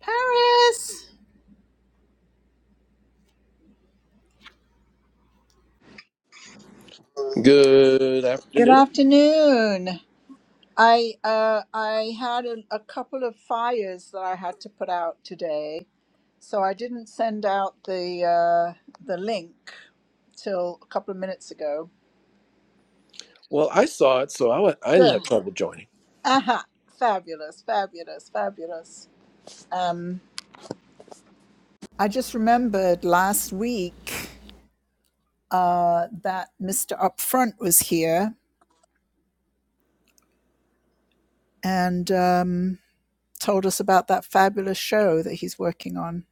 Paris. Good Good afternoon. afternoon. I uh, I had a, a couple of fires that I had to put out today, so I didn't send out the uh, the link till a couple of minutes ago. Well, I saw it, so I, wa- I didn't Good. have trouble joining. Aha. Fabulous. Fabulous. Fabulous. Um, I just remembered last week uh, that Mr. Upfront was here and um, told us about that fabulous show that he's working on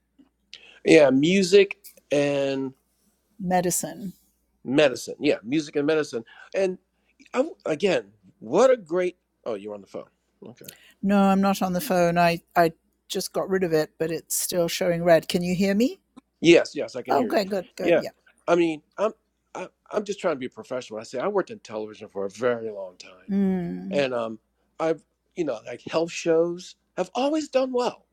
Yeah, music and medicine medicine. Yeah, music and medicine. And I, again, what a great. Oh, you're on the phone. Okay. No, I'm not on the phone. I, I just got rid of it, but it's still showing red. Can you hear me? Yes, yes, I can Oh, hear you. good, good, good. Yeah, Yeah. I mean, I'm I, I'm just trying to be a professional. I say I worked in television for a very long time, Mm, and um, I've you know like health shows have always done well.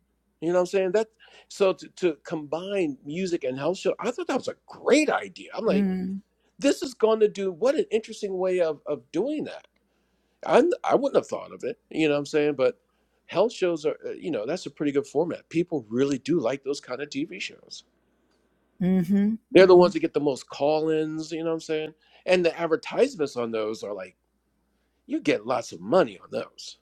You know what I'm saying? That so to, to combine music and health show, I thought that was a great idea. I'm like. mm, this is going to do what an interesting way of of doing that. I I wouldn't have thought of it, you know what I'm saying? But health shows are, uh, you know, that's a pretty good format. People really do like those kind of TV shows. mm-hmm, They're the mm-hmm. ones that get the most call-ins, you know what I'm saying? And the advertisements on those are like you get lots of money on those.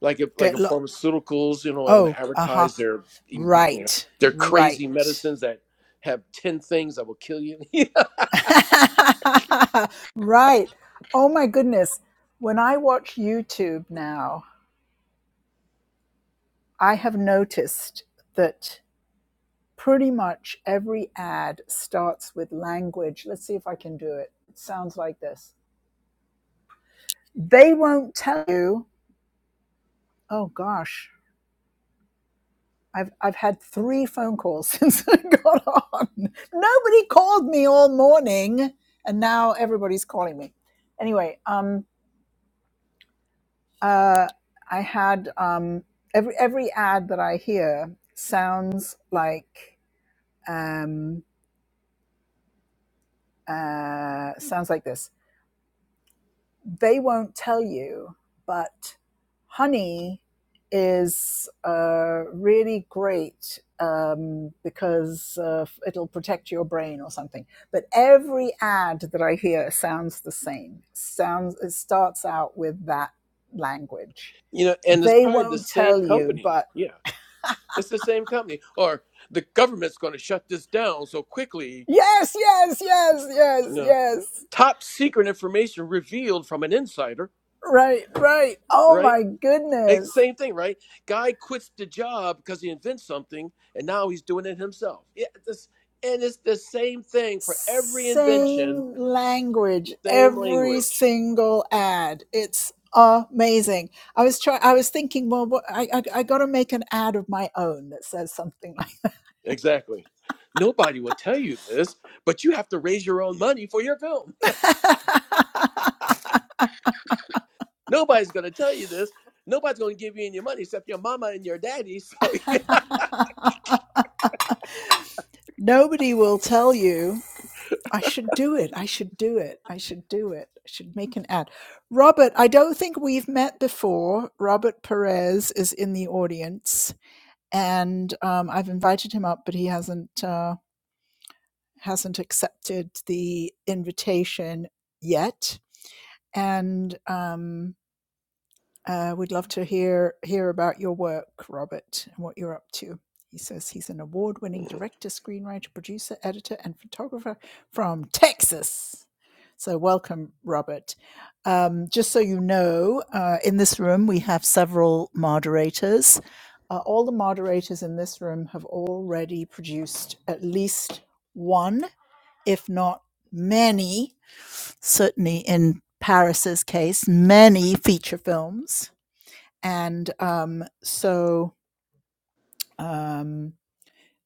Like if like Good. if Lo- pharmaceuticals, you know, want oh, to uh-huh. advertise their ing- you know, Right, their crazy right. medicines that have 10 things that will kill you. you right. Oh my goodness. When I watch YouTube now, I have noticed that pretty much every ad starts with language. Let's see if I can do it. It sounds like this. They won't tell you Oh gosh. I've I've had three phone calls since I got on. Nobody called me all morning and now everybody's calling me. Anyway, um uh I had um every every ad that I hear sounds like um uh sounds like this. they won't tell you, but honey is uh, really great um, because uh, it'll protect your brain or something. But every ad that I hear sounds the same. Sounds it starts out with that language. know, and it's They probably the won't same tell you, company. but Yeah. It's the same company. Or the government's going to shut this down so quickly. yes, yes, yes, You yes, know, yes. top secret information revealed from an insider, Right, right. Oh right? my Eh, goodness. same thing, right? Guy quits the job because he invents something and now he's doing it himself. Yeah, this, and it's the same thing for every invention, same language same every language. single ad it's amazing i was trying i was thinking well what, i i, I got to make an ad of my own that says something like Exactly. Nobody will tell you this, but you have to raise your own money for your film. Nobody's going to tell you this. Nobody's going to give you any money except your mama and your daddy. So, that nobody will tell you i should do it i should do it i should do it i should make an ad robert i don't think we've met before robert perez is in the audience and um, i've invited him up but he hasn't Uh, hasn't accepted the invitation yet, and um, uh, we'd love to hear hear about your work, Robert, and what you're up to. He says he's an award-winning yeah. director, screenwriter, producer, editor, and photographer from Texas. So welcome, Robert. Um, just so you know, uh, in this room we have several moderators. Uh, all the moderators in this room have already produced at least one if not many, certainly in Paris's case, many feature films. And um, so um,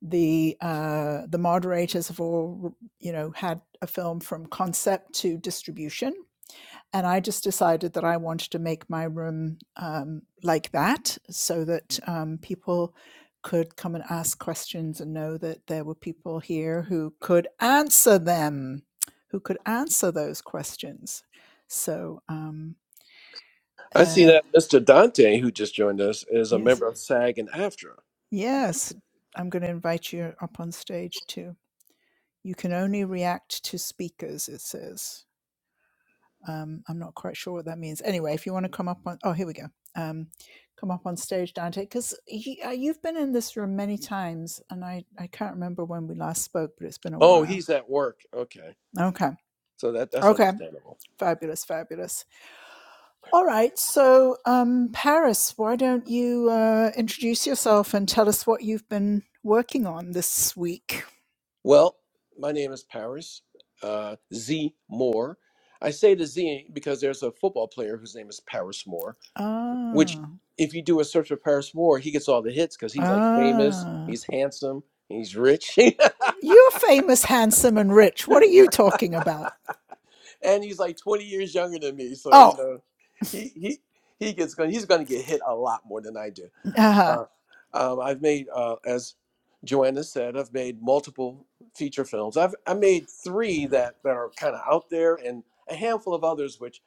the uh, the moderators have all you know had a film from concept to distribution, and I just decided that I wanted to make my room um, like that so that um, people could come and ask questions and know that there were people here who could answer them, who could answer those questions. So, um, I see uh, that Mr. Dante, who just joined us, is a yes, member of SAG and AFTRA. yes, I'm going to invite you up on stage too. You can only react to speakers, it says. Um, I'm not quite sure what that means. Anyway, if you want to come up on, oh, here we go. Um, come up on stage, Dante, because uh, you've been in this room many times, and I, I can't remember when we last spoke, but it's been a Oh, while. he's at work. Okay. Okay, So that, that's okay, understandable. fabulous, fabulous. All right, so um, Paris, why don't you uh, introduce yourself and tell us what you've been working on this week? Well, my name is Paris uh, Z Moore. I say the Z because there's a football player whose name is Paris Moore, which, Ah, if you do a search for Paris Moore, he gets all the hits because he's like famous, ah, he's handsome, he's rich, you're famous, handsome, and rich. What are you talking about? and he's like 20 years younger than me. So, you Oh, know, he, he, he gets going, he's going to get hit a lot more than I do. uh-huh. Uh, um, I've made, uh, as Joanna said, I've made multiple feature films. I've I made three that that are kind of out there, and a handful of others which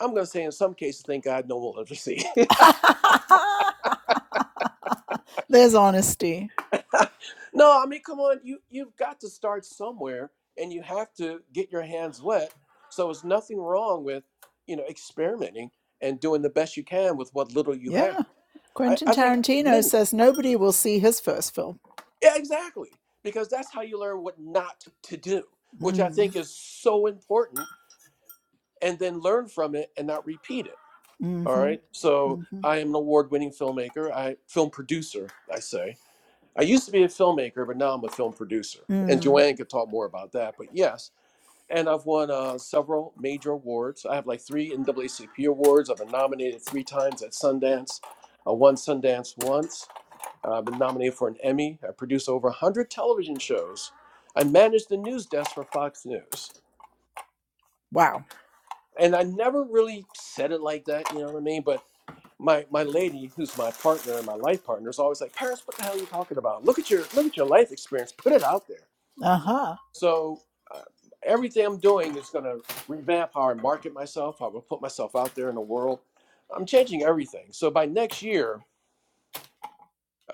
I'm going to say in some cases, thank God, no one will ever see. There's honesty. no, I mean, come on, you you've got to start somewhere, and you have to get your hands wet. So it's nothing wrong with you know experimenting and doing the best you can with what little you Yeah. have. I, Quentin I think Tarantino many. says nobody will see his first film. Yeah, exactly. Because that's how you learn what not to do, which I Mm, think is so important, and then learn from it and not repeat it. All mm-hmm, right. So mm-hmm, I am an award winning filmmaker, I film producer, I say. I used to be a filmmaker, but now I'm a film producer. And mm. Joanne could talk more about that. But yes, and I've won uh, several major awards. I have like three NAACP awards. I've been nominated three times at Sundance. I won Sundance once. Uh, I've been nominated for an Emmy. I produced over 100 television shows. I managed the news desk for Fox News. Wow. And I never really said it like that, you know what I mean? But my my lady, who's my partner and my life partner, is always like, Paris, what the hell are you talking about? Look at your look at your life experience. Put it out there. Uh huh. So uh, everything I'm doing is going to revamp how I market myself, how I put myself out there in the world. I'm changing everything. So by next year,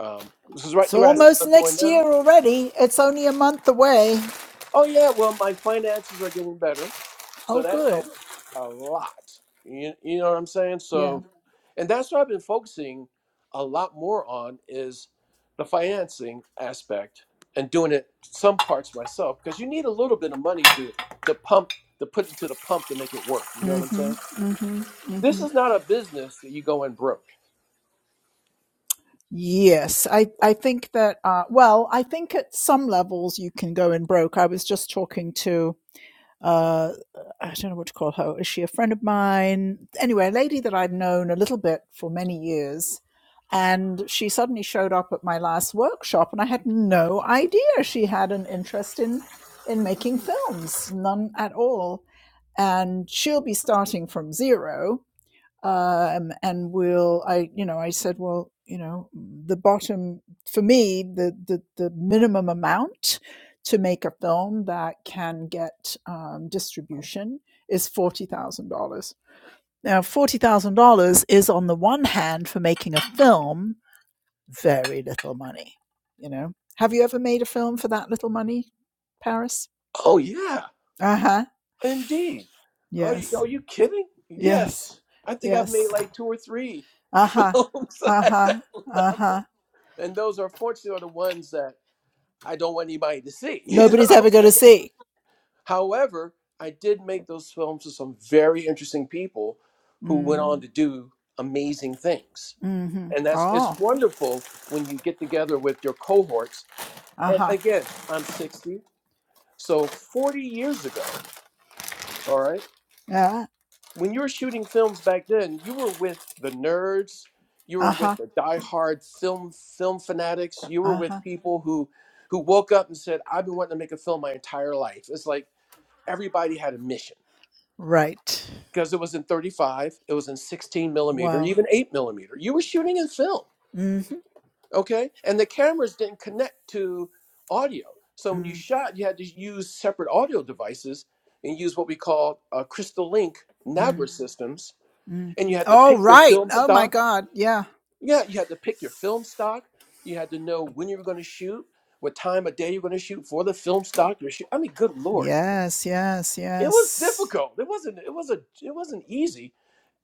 um, this is right. You So asked almost what I'm doing next year now. already. It's only a month away. Oh yeah, well my finances are getting better, Oh, so that good. helps a lot. You, you know what I'm saying? Yeah. So, and that's what I've been focusing a lot more on is the financing aspect and doing it some parts myself because you need a little bit of money to to pump to put into the pump to make it work. You know what I'm Mm-hmm, saying? mm-hmm, This mm-hmm. is not a business that you go in broke. Yes. I, I think that, uh, well, I think at some levels you can go in broke. I was just talking to uh, I don't know what to call her. Is she a friend of mine? Anyway, a lady that I'd known a little bit for many years. And she suddenly showed up at my last workshop, and I had no idea she had an interest in, in making films, none at all. And she'll be starting from zero um, and we'll i you know i said well you know the bottom for me the the, the minimum amount to make a film that can get um, distribution is $40000 now $40000 is on the one hand for making a film very little money you know have you ever made a film for that little money paris Oh yeah, uh-huh Indeed. Are you, yes are you kidding? yes Yes. I think I've made yes like two or three uh-huh films at uh-huh that uh-huh level. And those are fortunately are the ones that I don't want anybody to see. You know Nobody's what I'm ever going to saying? see. However, I did make those films with some very interesting people who went on Mm, to do amazing things. hmm And that's it's Oh, wonderful when you get together with your cohorts. uh And huh. again, I'm 60. So 40 years ago, all right? Yeah, when you were shooting films back then, you were with the nerds, you uh were huh. with the diehard film film fanatics, you were Uh huh. with people who who woke up and said, "I've been wanting to make a film my entire life." It's like everybody had a mission Right. because it was in 35, it was in 16 millimeter, Wow. even 8 millimeter. You were shooting in film, Mm-hmm. okay? And the cameras didn't connect to audio, so when you Mm, shot, you had to use separate audio devices and use what we call uh, Crystal Link mm, Nagra systems mm. and you had to Oh, pick your right. film Oh, my stock. God. Yeah. Yeah, you had to pick your film stock. You had to know when you were going to shoot, what time of day you were going to shoot for the film stock. Your shoot. I mean, good lord, Yes, yes, it was yes. difficult. It wasn't. It was a. It wasn't easy.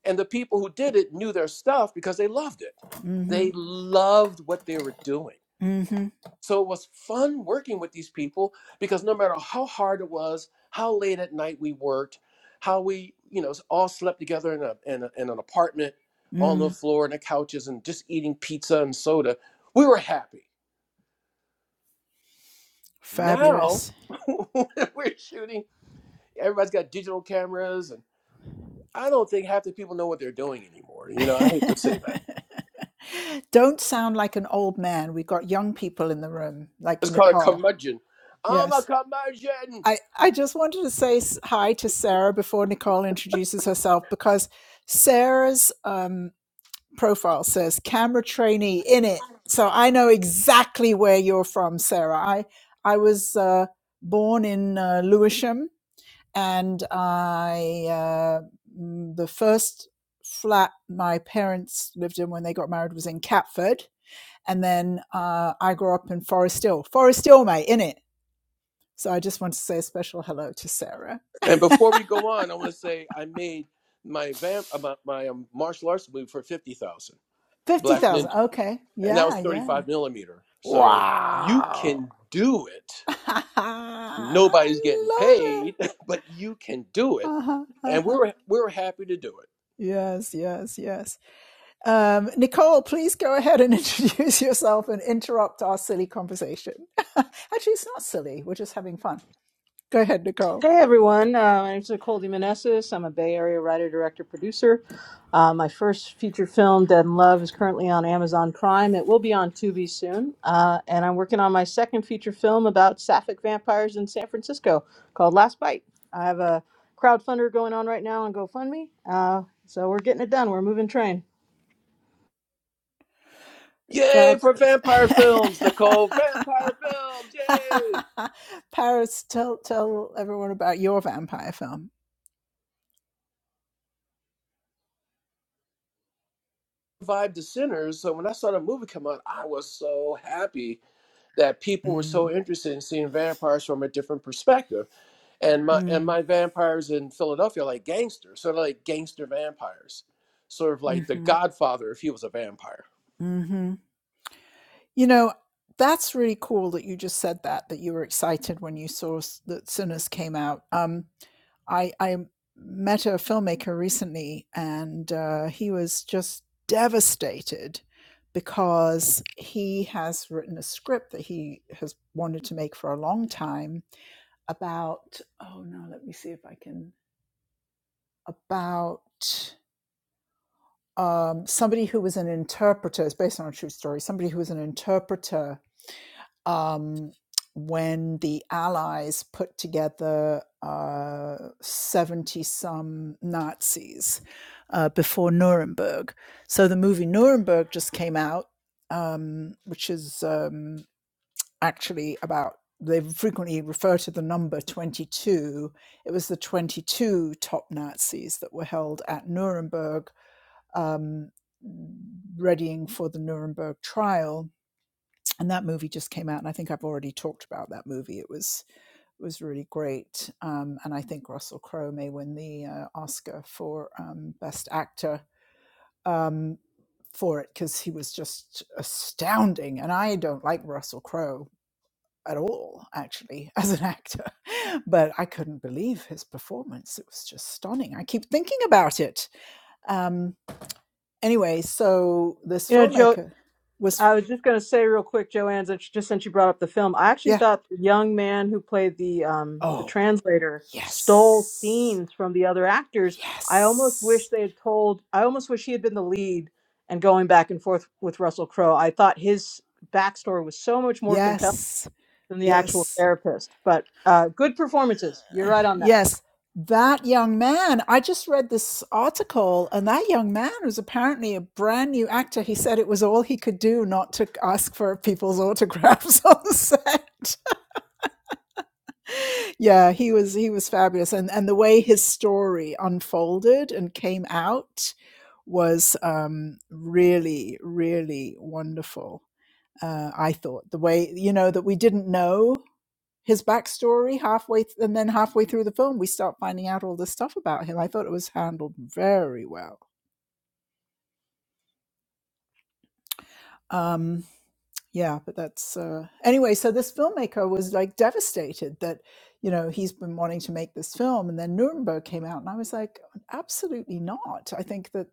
And the people who did it knew their stuff because they loved it. Mm hmm. They loved what they were doing. Mm hmm. So it was fun working with these people because no matter how hard it was, how late at night we worked, how we, you know, all slept together in, a, in, a, in an apartment on the Mm. floor and the couches and just eating pizza and soda, we were happy. Now Fabulous. we're shooting, everybody's got digital cameras, and I don't think half the people know what they're doing anymore. You know, I hate to say that. Don't sound like an old man. We've got young people in the room, like It's called a Nicole. curmudgeon. I'm a Yes. curmudgeon. I, I just wanted to say hi to Sarah before Nicole introduces herself because Sarah's um, profile says camera trainee in it. So I know exactly where you're from, Sarah. I, I was uh, born in uh, Lewisham and I, uh, mm, the first flat my parents lived in when they got married was in Catford. And then uh, I grew up in Forest Hill. Forest Hill, mate, in it. So I just want to say a special hello to Sarah. And before we go on, I want to say I made my vamp uh, my, um, martial arts movie for fifty thousand Fifty Black thousand. Ninja, Okay. and that Yeah, was thirty yeah. five millimeter. So you Wow. can do it. I Nobody's getting love it. paid, but you can do it, Uh-huh. and we Uh-huh. were we were happy to do it. Yes, yes, yes. Um, Nicole, please go ahead and introduce yourself and interrupt our silly conversation. Actually, it's not silly. We're just having fun. Go ahead, Nicole. Hey everyone, uh, my name's Nicole DeMonesis. I'm a Bay Area writer, director, producer. Uh, my first feature film, Dead in Love, is currently on Amazon Prime. It will be on Tubi soon. Uh, and I'm working on my second feature film about sapphic vampires in San Francisco called Last Bite. I have a crowdfunder going on right now on GoFundMe. Uh, so we're getting it done. We're moving train. Yay Fab. for vampire films, Nicole! Vampire films, yay! Paris, tell tell everyone about your vampire film. Vibe to sinners. So when I saw the movie come out, I was so happy that people were Mm, so interested in seeing vampires from a different perspective and my and mm, my vampires in Philadelphia are like gangsters, sort of like gangster vampires, sort of like the Godfather if he was a vampire. hmm You know, that's really cool that you just said that, that you were excited when you saw s- that Sinners came out. Um, I, I met a filmmaker recently, and uh, he was just devastated because he has written a script that he has wanted to make for a long time about, oh no, let me see if I can, about um, somebody who was an interpreter, it's based on a true story, somebody who was an interpreter um, when the Allies put together 70 some Nazis uh, before Nuremberg. So the movie Nuremberg just came out, um, which is um, actually about, they frequently refer to the number 22. It was the 22 top Nazis that were held at Nuremberg, um, readying for the Nuremberg trial and that movie just came out and i think i've already talked about that movie it was it was really great um, and i think russell crowe may win the uh, oscar for um, best actor um, for it because he was just astounding and i don't like russell crowe at all actually as an actor but i couldn't believe his performance it was just stunning i keep thinking about it um, anyway so this You know, Joe, filmmaker was I was just going to say real quick, Joanne, since- just since you brought up the film, I actually yeah thought the young man who played the um, the oh translator stole yes scenes from the other actors. I almost wish Yes. they had told. I almost wish he had been the lead and going back and forth with Russell Crowe. I thought his backstory was so much more compelling Yes. than the actual Yes. therapist. But uh, good performances. You're uh, right on that. Yes. That young man, I just read this article, and that young man was apparently a brand new actor. He said it was all he could do not to ask for people's autographs on the set. yeah, he was he was fabulous. And and the way his story unfolded and came out was um really, really wonderful. Uh, I thought the way you know that we didn't know his backstory halfway th- and then halfway through the film we start finding out all this stuff about him i thought it was handled very well um Yeah, but that's uh, anyway. So this filmmaker was like devastated that you know he's been wanting to make this film, and then Nuremberg came out, and I was like, absolutely not. I think that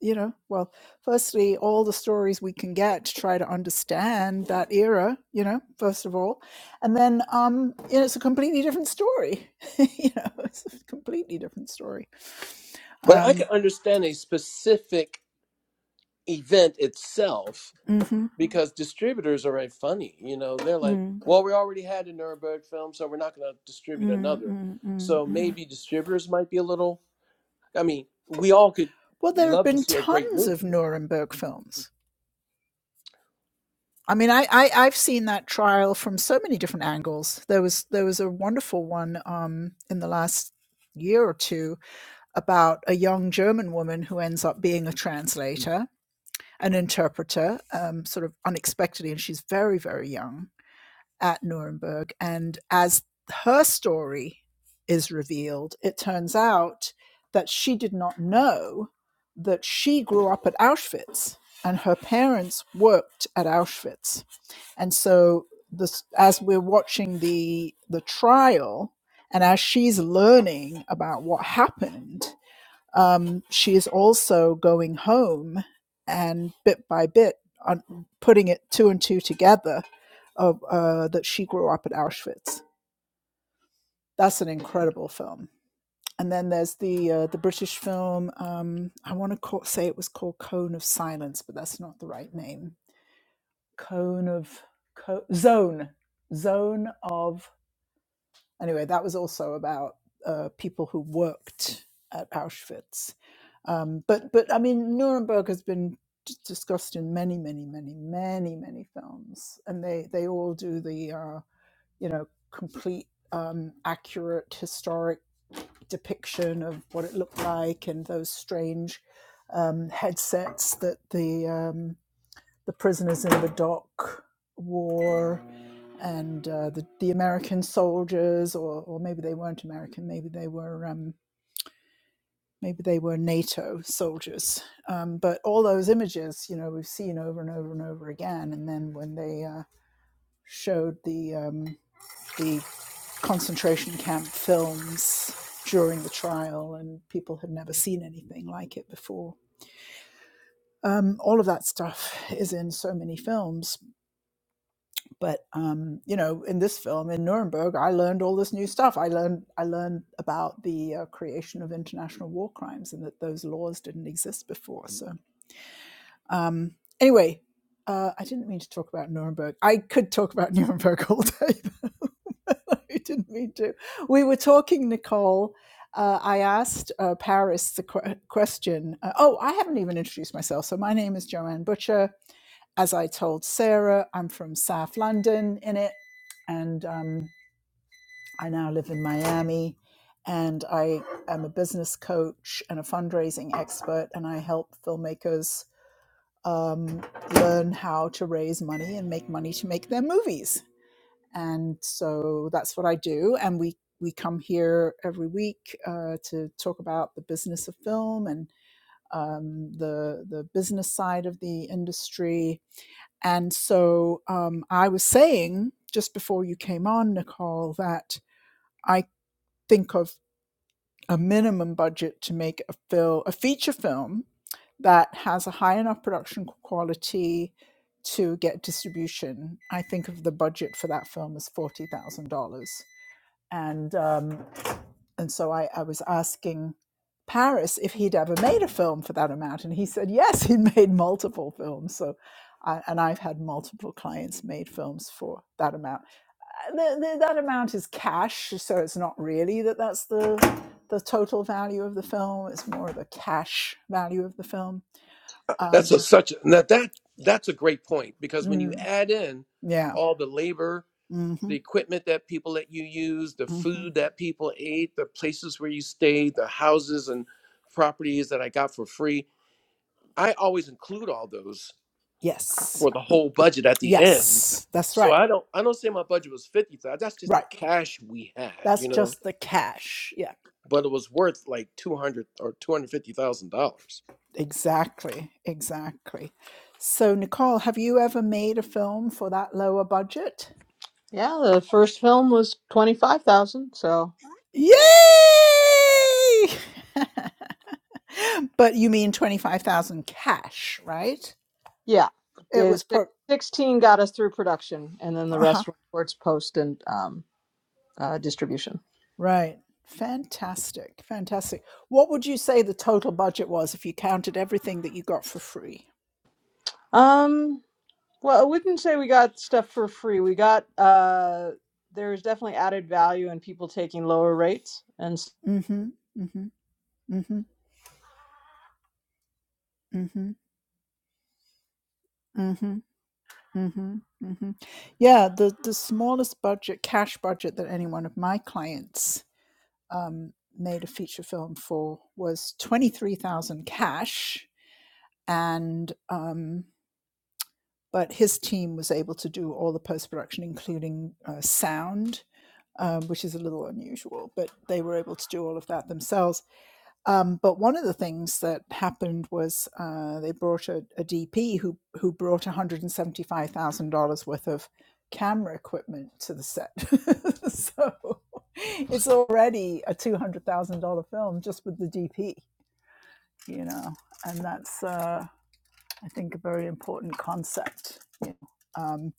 you know, well, firstly, all the stories we can get to try to understand that era, you know, first of all, and then um, you know, it's a completely different story. you know, it's a completely different story. But I Um, can understand a specific event itself hmm because distributors are right funny. You know, they're like, mm, mm, well, we already had a Nuremberg film, so we're not going to distribute mm, another. mm, So mm. maybe distributors might be a little. I mean, we all could Well, there have love to been see a great tons movie. of Nuremberg films. I mean, I, I I've seen that trial from so many different angles. There was there was a wonderful one um, in the last year or two about a young German woman who ends up being a translator, an interpreter, um, sort of unexpectedly, and she's very very young. at Nuremberg. And as her story is revealed, it turns out that she did not know that she grew up at Auschwitz and her parents worked at Auschwitz. And so, this, as we're watching the, the trial, and as she's learning about what happened, um, she is also going home and bit by bit on putting it two and two together of uh, that she grew up at Auschwitz. That's an incredible film. And then there's the uh, the British film. Um, I want to call, say it was called Cone of Silence, but that's not the right name. Cone of co- Zone, Zone of anyway, that was also about uh, people who worked at Auschwitz. Um, but but I mean, Nuremberg has been d- discussed in many many many many many films, and they they all do the uh, you know complete um, accurate historic depiction of what it looked like and those strange um, headsets that the um, the prisoners in the dock wore and uh, the the American soldiers, or or maybe they weren't American, maybe they were um, maybe they were NATO soldiers. Um, but all those images, you know, we've seen over and over and over again. And then when they uh, showed the um, the concentration camp films during the trial, and people had never seen anything like it before. Um, all of that stuff is in so many films but um, you know in this film in nuremberg i learned all this new stuff i learned i learned about the uh, creation of international war crimes and that those laws didn't exist before so um, anyway uh, i didn't mean to talk about nuremberg i could talk about nuremberg all day I didn't mean to. We were talking, Nicole. Uh, I asked uh, Paris the que- question. Uh, oh, I haven't even introduced myself. So my name is Joanne Butcher. As I told Sarah, I'm from South London in it, and um, I now live in Miami. And I am a business coach and a fundraising expert, and I help filmmakers um, learn how to raise money and make money to make their movies and so that's what I do. And we we come here every week uh, to talk about the business of film and um, the the business side of the industry. And so um, I was saying just before you came on, Nicole, that I think of a minimum budget to make a film, a feature film that has a high enough production quality to get distribution. I think of the budget for that film as forty thousand dollars and um, and so I, I was asking Paris if he'd ever made a film for that amount, and he said yes, he'd made multiple films. So, I, and I've had multiple clients made films for that amount. Uh, The, the, that amount is cash, so it's not really that that's the the total value of the film. It's more the cash value of the film. That's a Um, such now that that's a great point because when you mm, add in yeah. all the labor hmm the equipment that people let you use, the hmm food that people ate, the places where you stayed, the houses and properties that I got for free. I always include all those Yes. for the whole budget at the end. Yes. That's So right. I don't I don't say my budget was fifty thousand. That's just the Right. cash we had, That's you know. just the cash. Yeah. But it was worth like two hundred or two hundred fifty thousand dollars. Exactly, exactly. So, Nicole, have you ever made a film for that lower budget? Yeah, the first film was twenty five thousand. So Yay! but you mean 25,000 cash, right? Yeah, It was there's six- pro 16 got us through production, and then the Uh-huh. rest were towards post and um, uh, distribution. Right. Fantastic. Fantastic. What would you say the total budget was if you counted everything that you got for free? Um, well, I wouldn't say we got stuff for free. We got uh, there's definitely added value in people taking lower rates, and s- Mhm. Mhm. Mhm. Mhm. Mhm. Mhm, mhm. Yeah, the the smallest budget, cash budget that any one of my clients um, made a feature film for was twenty three thousand cash, and um, but his team was able to do all the post production, including uh, sound, um, which is a little unusual. But they were able to do all of that themselves um, but one of the things that happened was uh, they brought a, DP who who brought one hundred and seventy five thousand dollars worth of camera equipment to the set. so it's already a two hundred thousand dollar film just with the DP, you know, and that's uh, I think a very important concept. you know. Um,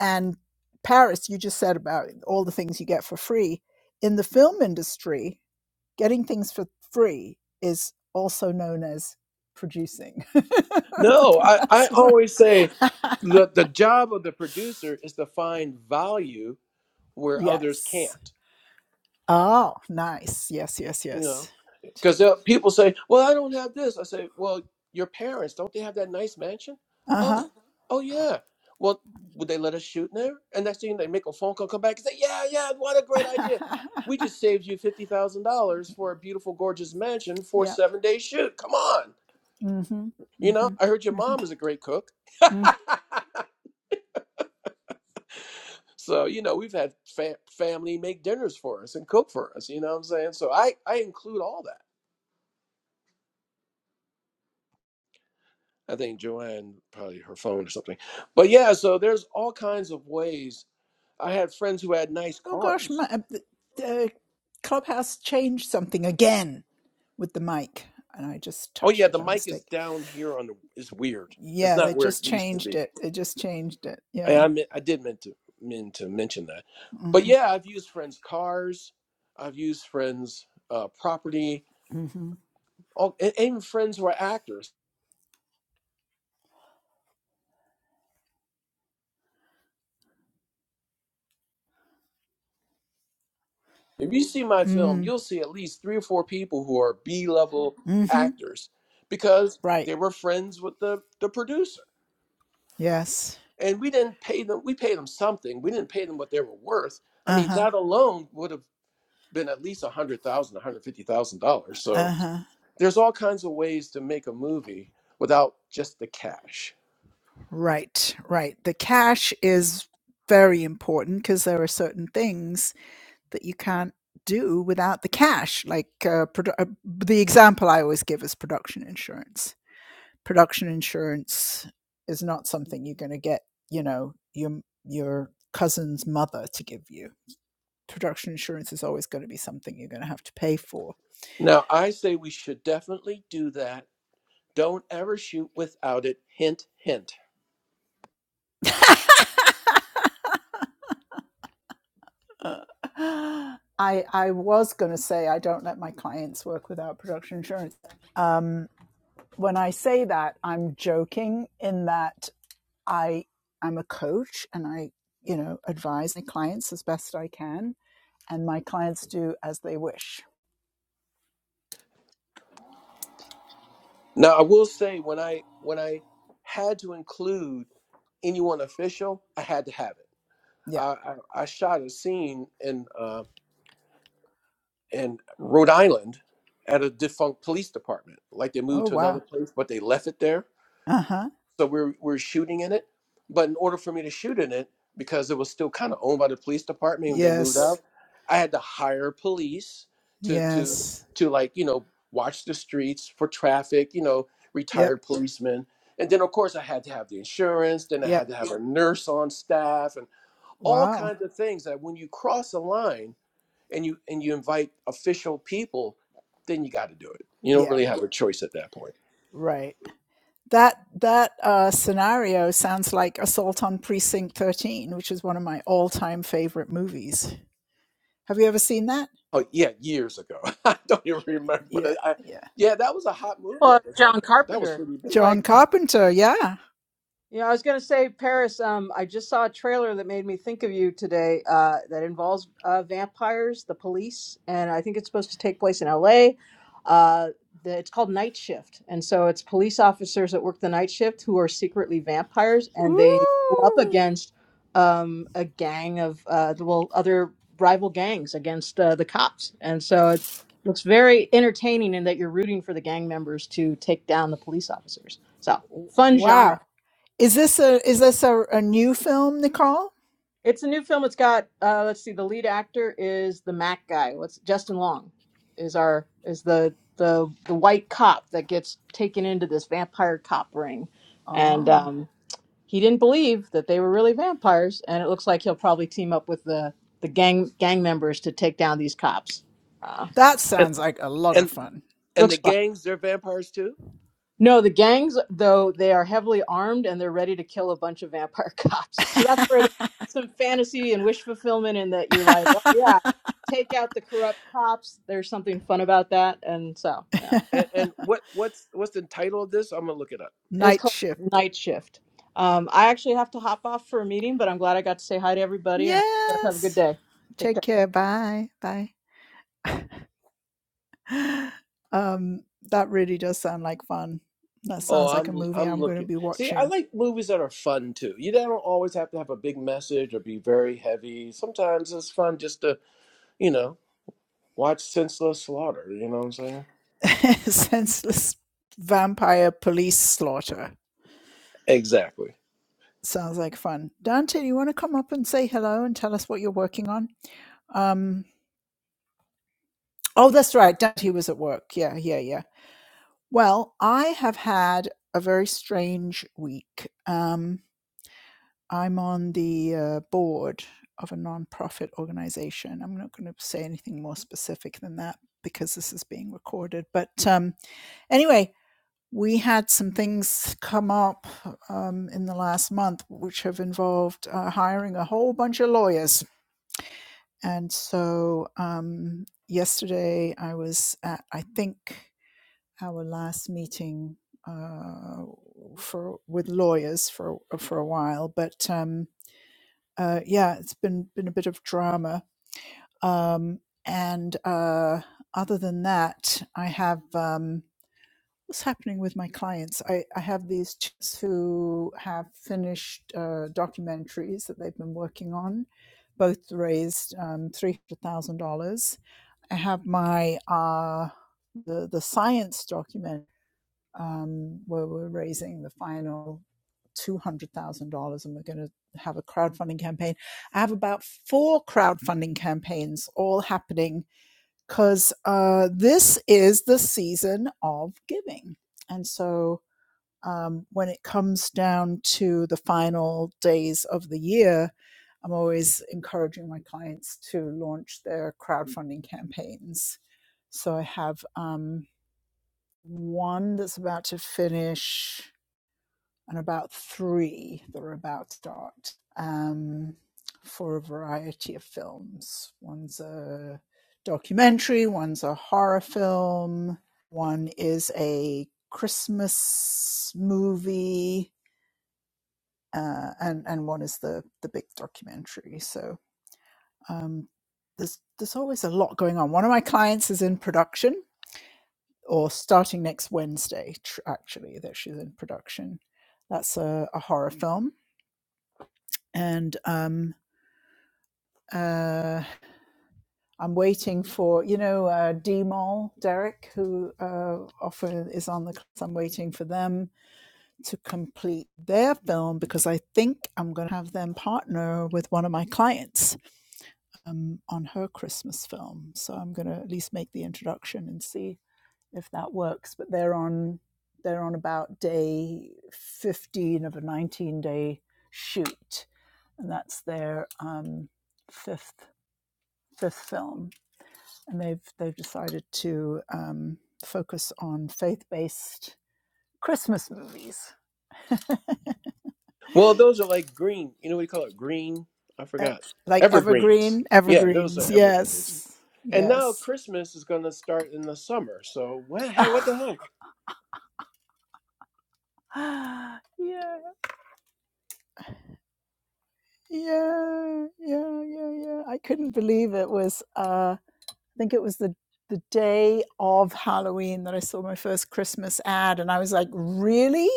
and Paris, you just said about all the things you get for free. In the film industry, getting things for free is also known as producing. No, I, I That's what. always say the the job of the producer is to find value where others can't. yes. Oh, nice. Yes, yes, You know, yes. because people say, "Well, I don't have this." I say, "Well, your parents don't they have that nice mansion?" Oh, Uh Mhm. oh yeah. Well, would they let us shoot in there? And next thing they make a phone call, come back and say, "Yeah, yeah, what a great idea." huh. We just saved you fifty thousand dollars for a beautiful, gorgeous mansion for a yeah. seven day shoot. Come on, Mm-hmm. you know. Mm-hmm. I heard your Mm-hmm. mom is a great cook, Mm-hmm. so you know we've had fa- family make dinners for us and cook for us. You know what I'm saying? So I I include all that. I think Joanne probably her phone or something. But yeah, so there's all kinds of ways. I had friends who had nice Oh gosh, my, cars. uh, the, the clubhouse changed something again with the mic, and I just Oh touched yeah, it the by mic is mistake. down here on the It's weird. It's yeah, they not where it just used to changed be. it. They just changed it. I Yeah. I, mean, I did meant to mean to mention that. But Mm-hmm. yeah, I've used friends' cars. I've used friends' uh, property. Mm-hmm. All, and even friends who are actors. If you see my film, Mm. you'll see at least three or four people who are B level Mm-hmm. actors because Right. they were friends with the the producer Yes. and we didn't pay them we paid them something we didn't pay them what they were worth i mean Uh-huh. that alone would have been at least a hundred thousand a hundred fifty thousand dollars so Uh-huh. there's all kinds of ways to make a movie without just the cash Right. Right. The cash is very important because there are certain things that you can't do without the cash. Like uh, produ- uh, the example I always give is production insurance. Production insurance is not something you're going to get, you know, your your cousin's mother to give you production insurance is always going to be something you're going to have to pay for. now i say we should definitely do that don't ever shoot without it hint hint I I was going to say I don't let my clients work without production insurance. Um, when I say that, I'm joking in that I I'm a coach and I you know advise my clients as best I can, and my clients do as they wish. now i will say when i when i had to include anyone official i had to have it Yeah. i i, I shot a scene in uh and Rhode Island at a defunct police department. Like they moved Oh to another wow. place, but they left it there. Uh huh. So we we're we we're shooting in it. But in order for me to shoot in it, because it was still kind of owned by the police department when they moved Yes. out, I had to hire police to to Yes. to like you know watch the streets for traffic. You know, Yep. retired policemen. And then, of course, I had to have the insurance. Then I had Yep. to have a nurse on staff, and all Wow. kinds of things that when you cross a line, and you and you invite official people, then you got to do it. You don't Yeah. really have a choice at that point. Right. that that uh, scenario sounds like Assault on Precinct 13, which is one of my all-time favorite movies. Have you ever seen that? Oh yeah, years ago. I don't even remember, but Yeah, I, I yeah. yeah, that was a hot movie well, at the time. John That was Carpenter. pretty It's big. like John Carpenter, yeah. Yeah, I was going to say, Paris. Um, I just saw a trailer that made me think of you today. Uh, that involves uh, vampires, the police, and I think it's supposed to take place in L.A. Uh, the, it's called Night Shift, and so it's police officers that work the night shift who are secretly vampires, and they go up Ooh, against um, a gang of uh, well, other rival gangs against uh, the cops, and so it looks very entertaining in that you're rooting for the gang members to take down the police officers. So fun genre. wow. Is this a is this a, a new film, Nicole? It's a new film. It's got uh let's see, the lead actor is the Mac guy. What's Justin Long is our is the the the white cop that gets taken into this vampire cop ring. And Oh, um he didn't believe that they were really vampires, and it looks like he'll probably team up with the the gang gang members to take down these cops. Uh, that And sounds like a lot of and, fun. and looks the fun. gangs, they're vampires too. No, the gangs, though, they are heavily armed and they're ready to kill a bunch of vampire cops. So that's where there's some fantasy and wish fulfillment in that you're like, oh, yeah, take out the corrupt cops. There's something fun about that. And so, yeah, And, and what what's what's the title of this? I'm gonna look it up. it's Night called shift. Night Shift. Um, I actually have to hop off for a meeting, but I'm glad I got to say hi to everybody and I hope you guys have a good Yes. day. Take care. Take care. Bye. Bye. um, that really does sound like fun. That Oh, sounds like a I'm movie I'm I'm going to looking. be See, I watching. like movies that are fun too. You don't always have to have a big message or be very heavy. Sometimes it's fun just to you know watch senseless slaughter. You know what I'm saying? Senseless vampire police slaughter. Exactly. Sounds like fun. Dante, you want to come up and say hello and tell us what you're working on? Um, oh, that's right. Dante was at work. Yeah, yeah, yeah. Well, I have had a very strange week. Um, I'm on the uh, board of a nonprofit organization. I'm not going to say anything more specific than that because this is being recorded. But um, anyway, we had some things come up um, in the last month which have involved uh, hiring a whole bunch of lawyers. And so um, yesterday I was at, I think, our last meeting uh, for with lawyers for for a while, but. Um, uh, yeah, it's been been a bit of drama. Um, and uh, other than that, I have um, what's happening with my clients. I, I have these chicks who have finished uh, documentaries that they've been working on. Both raised um, three hundred thousand dollars. I have my uh, the the science documentary um, where we're raising the final $200,000 and we're going to have a crowdfunding campaign. I have about four crowdfunding campaigns all happening because uh, this is the season of giving. And so um, when it comes down to the final days of the year, I'm always encouraging my clients to launch their crowdfunding campaigns. So I have. um, one that's about to finish and about three that are about to start um, for a variety of films. One's a documentary, one's a horror film, one is a Christmas movie, uh, and and one is the the big documentary. So um, there's there's always a lot going on. One of my clients is in production or starting next Wednesday, actually, that she's in production. That's a, a horror film. And um, uh, I'm waiting for, you know, uh, D Mall, Derek, who uh, often is on the class. I'm waiting for them to complete their film because I think I'm going to have them partner with one of my clients um, on her Christmas film. So I'm going to at least make the introduction and see if that works. But they're on they're on about day fifteen of a nineteen day shoot, and that's their um, fifth fifth film. And they've they've decided to um, focus on faith based Christmas movies, Well, those are like green. You know what you call it? Green. I uh, forgot. like Evergreens. evergreen Yeah, those are evergreens. evergreens. Yes, And now yes. Christmas is going to start in the summer. So what? he- What the heck? yeah, yeah, yeah, yeah, yeah. I couldn't believe it was. Uh, I think it was the the day of Halloween that I saw my first Christmas ad, and I was like, "Really?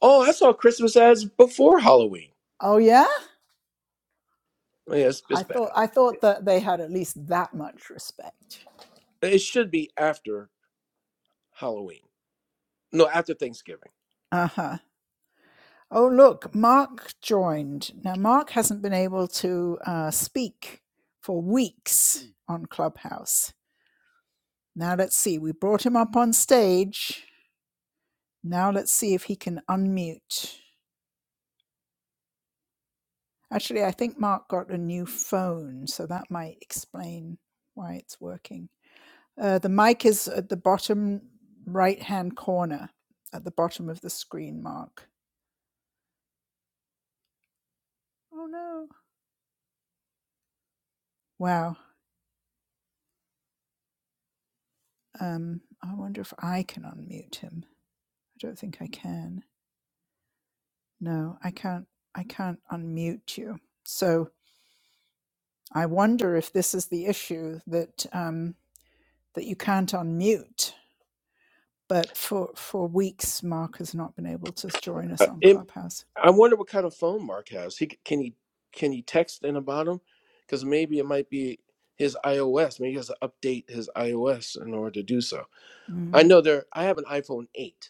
Oh, I saw Christmas as before Halloween. Oh yeah." Yes, yeah, it's, I it's bad. thought I thought that they had at least that much respect. It should be after Halloween. No, after Thanksgiving. Uh huh. Oh look, Mark joined. Now Mark hasn't been able to uh, speak for weeks on Clubhouse. Now let's see. We brought him up on stage. Now let's see if he can unmute. Actually, I think Mark got a new phone, so that might explain why it's working. Uh, the mic is at the bottom right hand corner at the bottom of the screen, Mark. Oh no. Wow. Um, I wonder if I can unmute him. I don't think I can. No, I can't. I can't unmute you. So I wonder if this is the issue that um, that you can't unmute. But for for weeks, Mark has not been able to join us Uh, on it, Clubhouse. I wonder what kind of phone Mark has. He c- can he can he text in about him? Because maybe it might be his iOS. Maybe he has to update his iOS in order to do so. I Mm. know there. I have an iPhone eight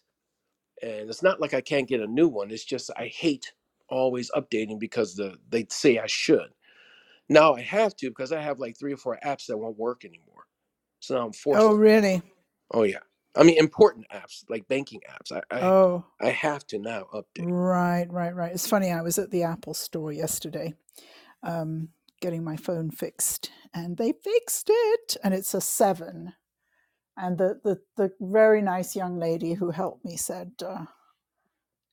and it's not like I can't get a new one. It's just I hate always updating because the they say I should. Now I have to because I have like three or four apps that won't work anymore. So now I'm forced Oh, to. update. really? Oh yeah, I mean important apps like banking apps. I I, Oh, I have to now update. right, right, right. It's funny. I was at the Apple store yesterday um, getting my phone fixed, and they fixed it, and it's a seven. And the, the, the very nice young lady who helped me said uh,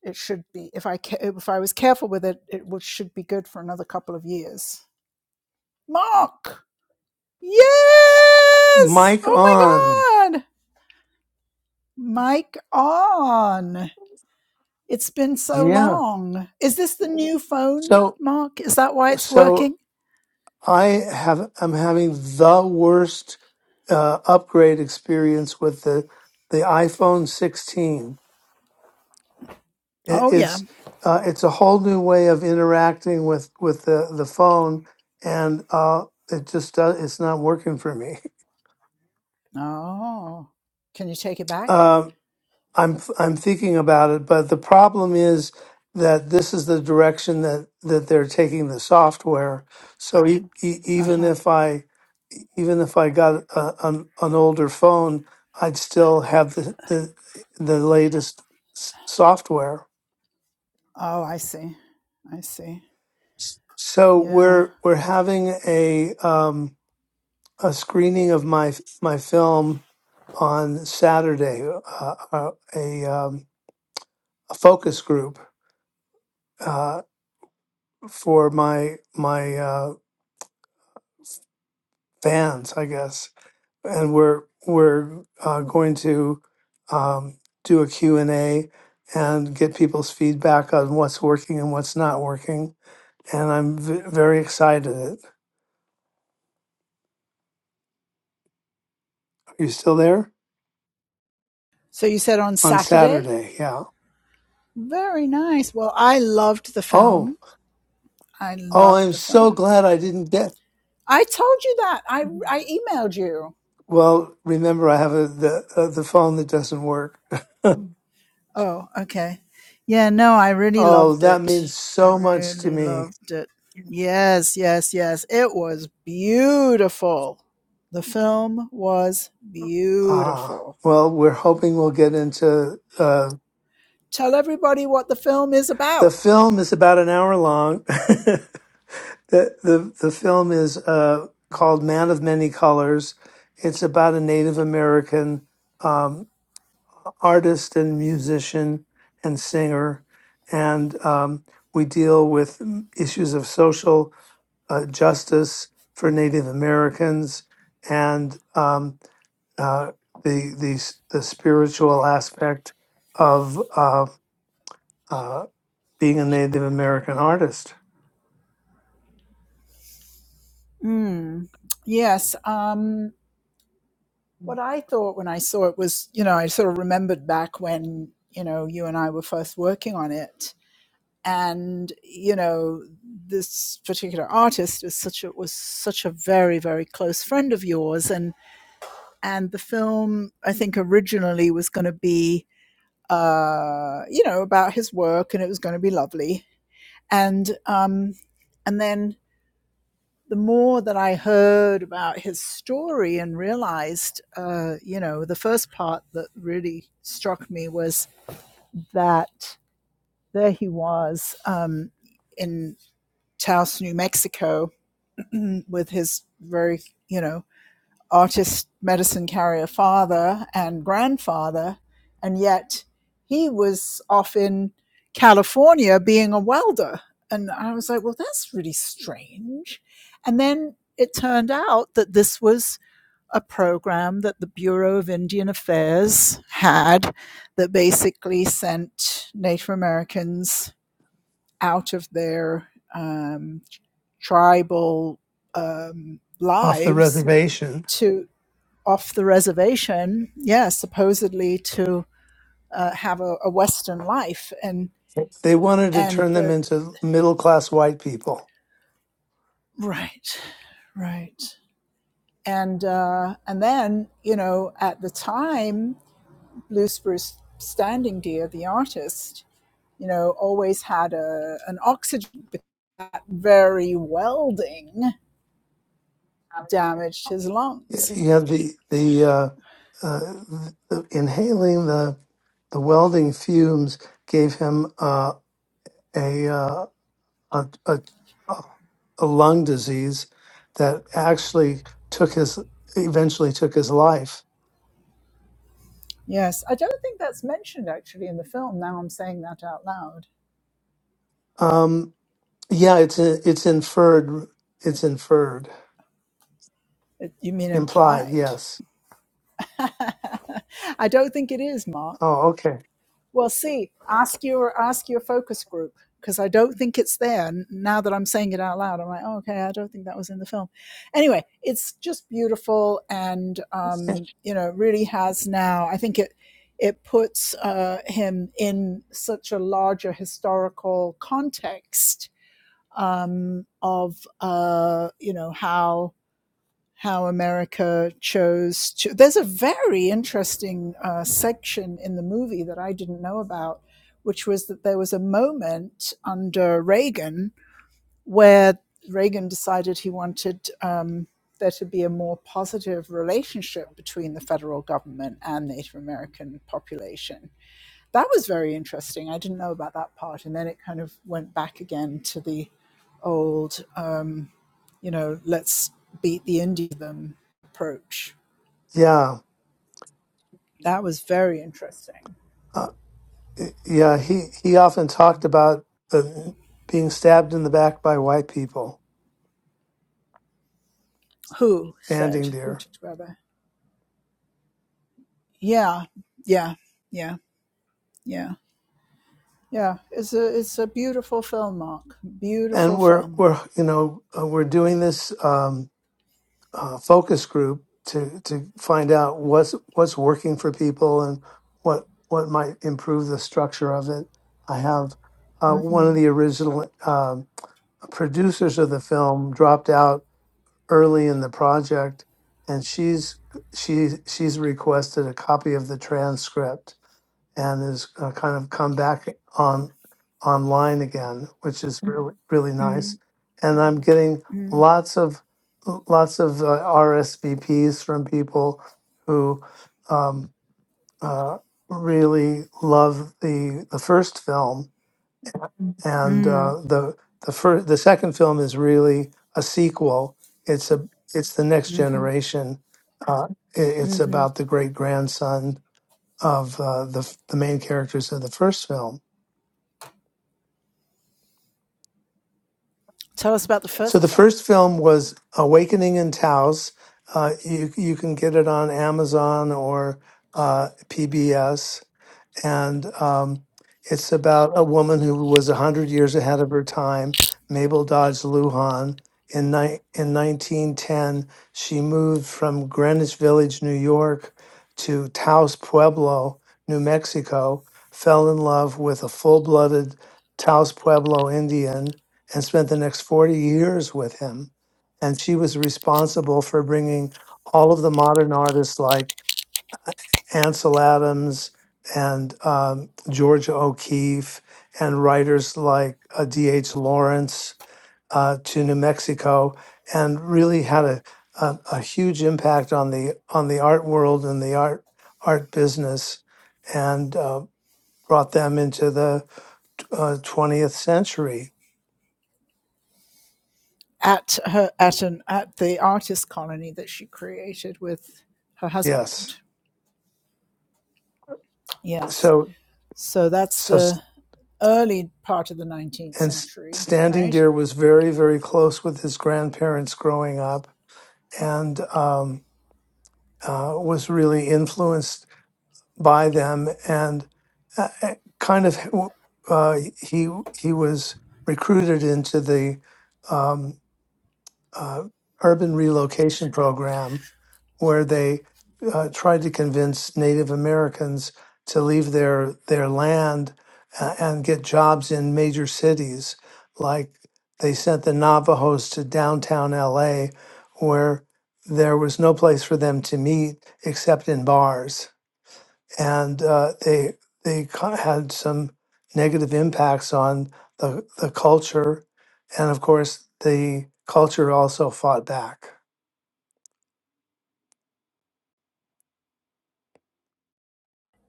it should be if I ca- if I was careful with it, it would, should be good for another couple of years. Mark, yes! Mic Oh on. my God, Mike on. It's been so Yeah. long. Is this the new phone, So Mark? Is that why it's so working? I have I'm having the worst uh, upgrade experience with the the iPhone 16. It, Oh, yeah. it's uh, it's a whole new way of interacting with with the the phone, and uh, it just does, it's not working for me. Oh, can you take it back? Um I'm I'm thinking about it, but the problem is that this is the direction that that they're taking the software. So e- e- Uh even huh. if I even if I got a, an an older phone, I'd still have the the, the latest s- software. Oh, I see. I see. S- So Yeah. we're we're having a um, a screening of my f- my film on Saturday, uh, uh, a um, a focus group. uh, for my my uh, fans, I guess. And we're we're uh, going to um, do a Q and A and get people's feedback on what's working and what's not working. And I'm v- very excited. Are you still there So you said on on Saturday? Saturday? Yeah. Very nice. Well, I loved the Oh, film. I oh, loved I'm the so film. glad I didn't get. I told you that. I, I emailed you. Well, remember I have a, the uh, the phone that doesn't work. Oh, okay. Yeah, no, I really oh, loved that it. means I so much to really me. loved it. Yes, yes, yes. It was beautiful. The film was Ah, beautiful. well, we're hoping we'll get into uh, Tell everybody what the film is the about. film is about an hour long. the, the The film is uh, called "Man of Many Colors." It's about a Native American um, artist and musician and singer, and um, we deal with mm, issues of social uh, justice for Native Americans and um, uh, the the the spiritual aspect of uh, uh, being a Native American artist Hmm. Yes. Um, what I thought when I saw it was, you know, I sort of remembered back when, you know, you and I were first working on it and you know this particular artist is such a was such a very very close friend of yours and and the film i think originally was going to be uh you know about his work and it was going to be lovely and um and then the more that i heard about his story and realized uh you know the first part that really struck me was that there he was um in taos new mexico Mm, with his very, you know, artist medicine carrier father and grandfather. And yet he was off in California being a welder. And I was like, well, that's really strange. And then it turned out that this was a program that the Bureau of Indian Affairs had that basically sent Native Americans out of their um, tribal um, off the lives reservation. to off the reservation, yeah, supposedly to uh, have a, a Western life, and They wanted to and turn them the into middle class white people. right, right, and uh, and then you know at the time, Blue Spruce Standing Deer, the artist, you know, always had a an oxygen, but that very welding damaged his Yeah, lungs You have the the, uh, uh, the inhaling the the welding fumes gave him uh, a, uh, a a a lung disease that actually took his eventually took his life. Yes, I don't think that's mentioned actually in the film. Now I'm saying that out loud. Um, yeah, it's it's inferred. It's inferred, You mean implied. implied? Yes. I don't think it is, Mark. Oh, okay. Well, see, ask your ask your focus group because I don't think it's there. Now that I'm saying it out loud, I'm like, oh, okay, I don't think that was in the film. Anyway, it's just beautiful, and um, you know, really has now. I think it it puts uh, him in such a larger historical context um, of uh, you know how how America chose to. There's a very interesting uh, section in the movie that I didn't know about, which was that there was a moment under Reagan where Reagan decided he wanted um, there to be a more positive relationship between the federal government and Native American population. That was very interesting. I didn't know about that part, and then it kind of went back again to the old. uh, you know, let's beat the Indian approach. Yeah, That was very interesting. uh, yeah. He he often talked about uh, being stabbed in the back by white people Who said standing who there, to brother? Yeah, yeah, yeah, yeah, yeah. It's a it's a beautiful film, Mark. Beautiful and we're film. we're you know uh, we're doing this um, uh, focus group to to find out what's what's working for people and what what might improve the structure of it. I have uh, one Mm, of the original um, producers of the film dropped out early in the project and she's she she's requested a copy of the transcript and has uh, kind of come back on online again which is Mhm. really really nice mm, and i'm getting mm, lots of lots of uh, rsvps from people who um, uh, really love the the first film and mm, uh, the the first the second film is really a sequel. It's a it's the next hmm generation. Uh, i it's hmm about the great grandson of uh, the f- the main characters of the first film. Tell us about the So first the film first film was Awakening in Taos. Uh, you you can get it on Amazon or uh, PBS and um, it's about a woman who was 100 years ahead of her time, Mabel Dodge Lujan. In, ni- in 1910, she moved from Greenwich Village, New York, to Taos Pueblo, New Mexico, fell in love with a full blooded Taos Pueblo Indian, and spent the next 40 years with him. And she was responsible for bringing all of the modern artists like Ansel Adams and um, Georgia O'Keeffe and writers like uh, D.H. Lawrence uh, to New Mexico, and really had a, a a huge impact on the on the art world and the art art business, and uh, brought them into the uh, twentieth century. at her at an at the artist colony that she created with her Yes, husband. Yes. so So that's so the s- early part of the 19th and S- century, Standing right? Deer was very very close with his grandparents growing up, and. Um, uh, was really influenced by them and uh, uh, kind of uh, he he was recruited into the um, uh, urban relocation program where they uh, tried to convince Native Americans to leave their their land uh, and get jobs in major cities. Like they sent the Navajos to downtown L.A., where there was no place for them to meet except in bars, and uh, they they ca- had some negative impacts on the the culture, and of course the culture also fought back.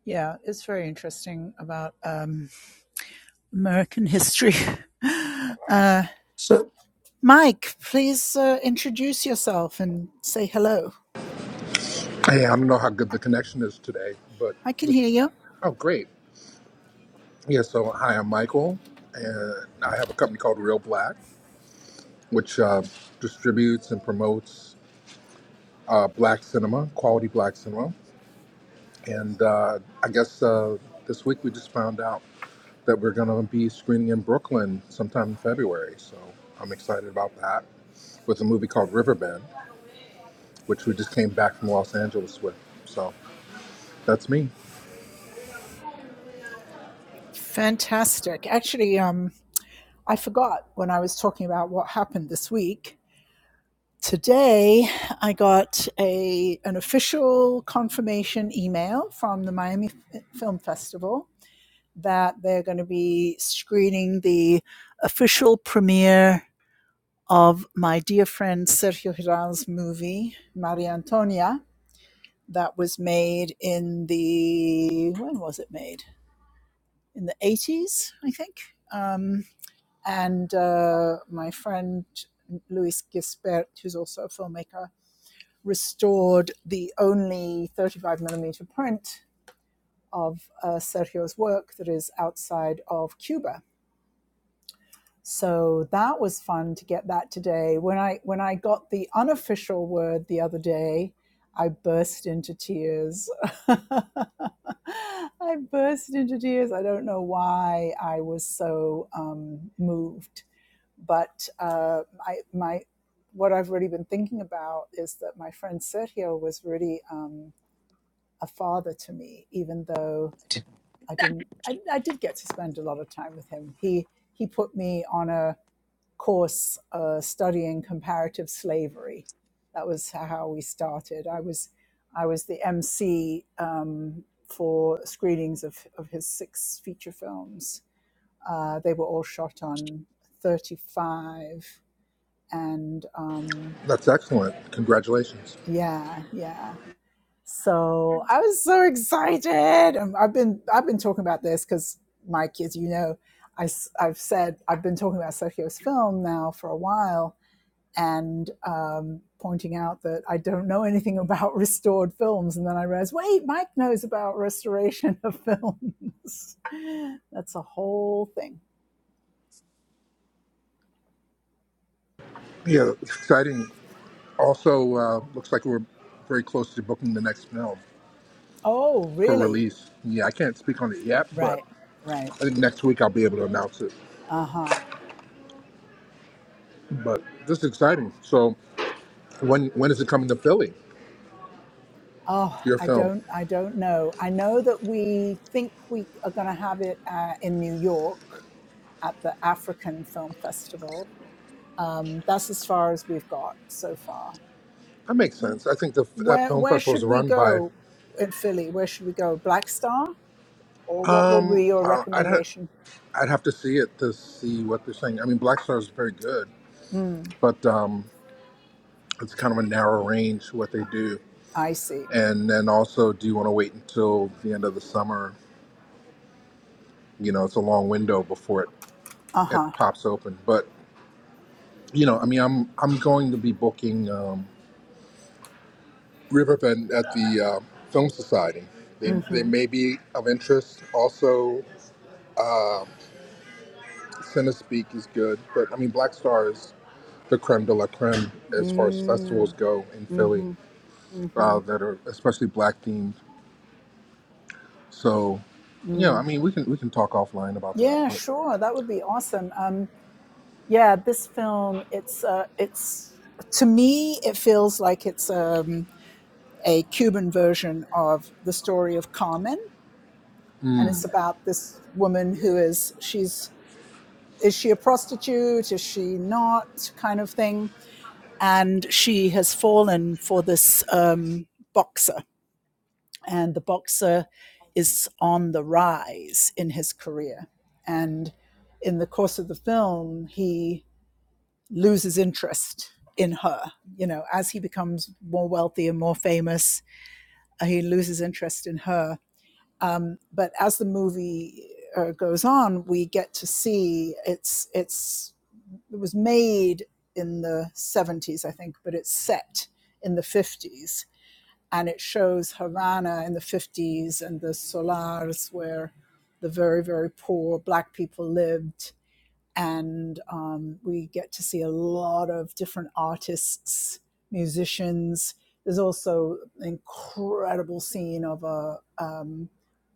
Yeah, it's very interesting about um, American history. Uh, So Mike, please uh, introduce yourself and say hello. Hey, I don't know how good the connection is today, but I can this, hear you. oh, great. Yeah, so hi, I'm Michael, and I have a company called Real Black, which uh, distributes and promotes uh, black cinema, quality black cinema. And uh, I guess uh, this week we just found out that we're going to be screening in Brooklyn sometime in February. So I'm excited about that with a movie called Riverbend, which we just came back from Los Angeles with. So that's me. Fantastic. Actually, um, I forgot when I was talking about what happened this week. Today, I got a an official confirmation email from the Miami F- Film Festival that they're going to be screening the official premiere of my dear friend Sergio Giral's movie, Maria Antonia, that was made in the, when was it made? In the 80s, I think. Um, and uh, my friend Luis Gispert, who's also a filmmaker, restored the only 35 millimeter print of uh, Sergio's work that is outside of Cuba So that was fun to get that today. When I when I got the unofficial word the other day, I burst into tears. I burst into tears. I don't know why I was so um, moved, but uh, I, my what I've really been thinking about is that my friend Sergio was really um, a father to me, even though I didn't. I, I did get to spend a lot of time with him. He he put me on a course uh, studying comparative slavery. That was how we started. I was I was the MC um, for screenings of, of his six feature films. Uh, they were all shot on 35 and um, That's excellent. Congratulations. yeah, yeah. So I was so excited. Um, I've been I've been talking about this because Mike, as you know, I, have said I've been talking about Sergio's film now for a while, and um, pointing out that I don't know anything about restored films. And then I realized, wait, Mike knows about restoration of films. That's a whole thing. Yeah, exciting. Also, uh, looks like we're very close to booking the next film Oh, for really? release. Yeah, I can't speak on it yet, but Right, right. I think next week I'll be able to announce it. Uh huh. But this is exciting. So, when when is it coming to Philly? Oh, Your I film? don't, I don't know. I know that we think we are going to have it uh, in New York at the African Film Festival. Um, that's as far as we've got so far. That makes sense. I think the, that Where film where festival is should we run by. go in Philly? Where should we go? Black Star, or what would Um, be your uh, I'd ha- recommendation? I'd have to see it to see what they're saying. I mean, Black Star is very good, Mm, but um, it's kind of a narrow range what they do. I see. And then also, do you want to wait until the end of the summer you know it's a long window before it, Uh huh. it pops open but you know i mean i'm i'm going to be booking um, riverbend at the uh, film society they, they Mm-hmm. may be of interest also cinespeak is good but i mean black star is the creme de la creme as far as Mm, festivals go in philly mm-hmm. Mm-hmm. uh, that are especially black themed so yeah i Mm. mean we can we can talk offline about that Yeah, but sure. That would be awesome. Um, yeah, this film. It's uh, it's to me, it feels like it's um, a Cuban version of the story of Carmen, and it's about this woman who is she's is she a prostitute? Is she not? Kind of thing. And she has fallen for this um, boxer, and the boxer is on the rise in his career. And in the course of the film, he loses interest in her. You know, as he becomes more wealthy and more famous, uh, he loses interest in her. Um, but as the movie uh, goes on, we get to see it's it's It was made in the 70s, I think, but it's set in the 50s. And it shows Havana in the 50s and the Solars, where the very, very poor Black people lived. And um, we get to see a lot of different artists, musicians. There's also an incredible scene of a, um,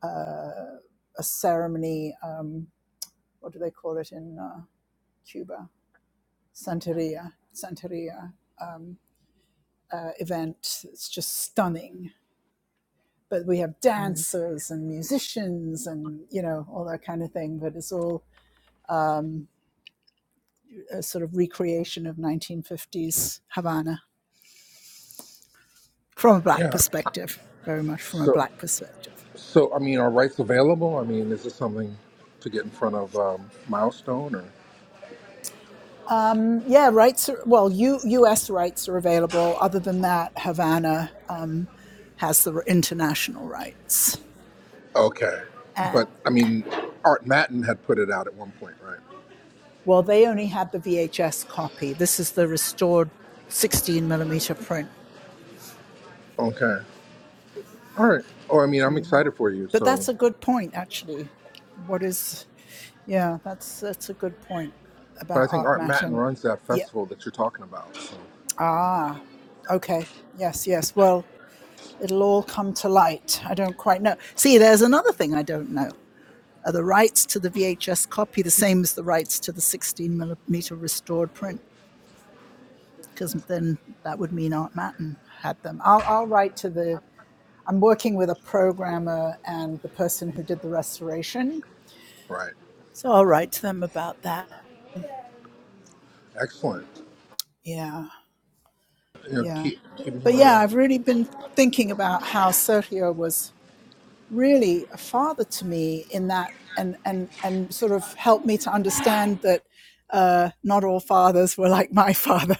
uh, a ceremony. Um, what do they call it in uh, Cuba? Santeria, Santeria um, uh, event. It's just stunning. But we have dancers and musicians and you know all that kind of thing. But it's all um, a sort of recreation of 1950s Havana from a black yeah perspective, very much from a so black perspective. So, I mean, are rights available? I mean, is this something to get in front of um, Milestone or? Um, yeah, rights. Are, well, U, U.S. rights are available. Other than that, Havana um, has the international rights Okay, And, but I mean, Art Matin had put it out at one point, right? Well, they only had the VHS copy. This is the restored 16 millimeter print. Okay, all right. Oh, I mean, I'm excited for you. But So, that's a good point, actually. What is, yeah, that's that's a good point but I about think Art Art Matin Matin. runs that Yeah. festival that you're talking about. So, Ah, okay. Yes, yes. Well, it'll all come to light. I don't quite know. See, there's another thing I don't know. Are the rights to the VHS copy the same as the rights to the 16 millimeter restored print? Because then that would mean Art Matin had them. I'll, I'll write to the I'm working with a programmer and the person who did the restoration. right, So I'll write to them about that. excellent. Yeah, You know, yeah. keep keep. me. But yeah, I've really been thinking about how Sergio was really a father to me in that and and and sort of helped me to understand that uh, not all fathers were like my father.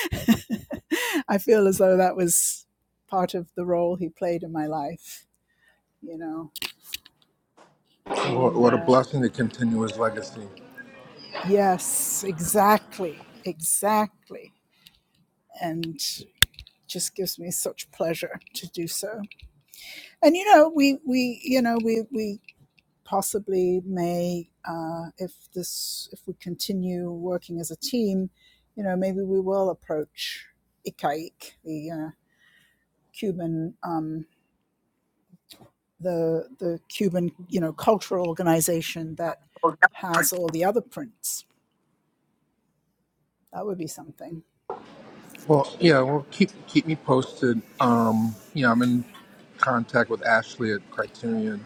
I feel as though that was part of the role he played in my life, you know. What, And what a uh, blessing to continue his legacy. Yes, exactly, exactly. And just gives me such pleasure to do so. And you know, we we you know we we possibly may uh, if this if we continue working as a team, you know, maybe we will approach ICAIC, the uh, Cuban um, the the Cuban you know cultural organization that has all the other prints. That would be something. Well, yeah. Well, keep keep me posted. Um, you know, I'm in contact with Ashley at Criterion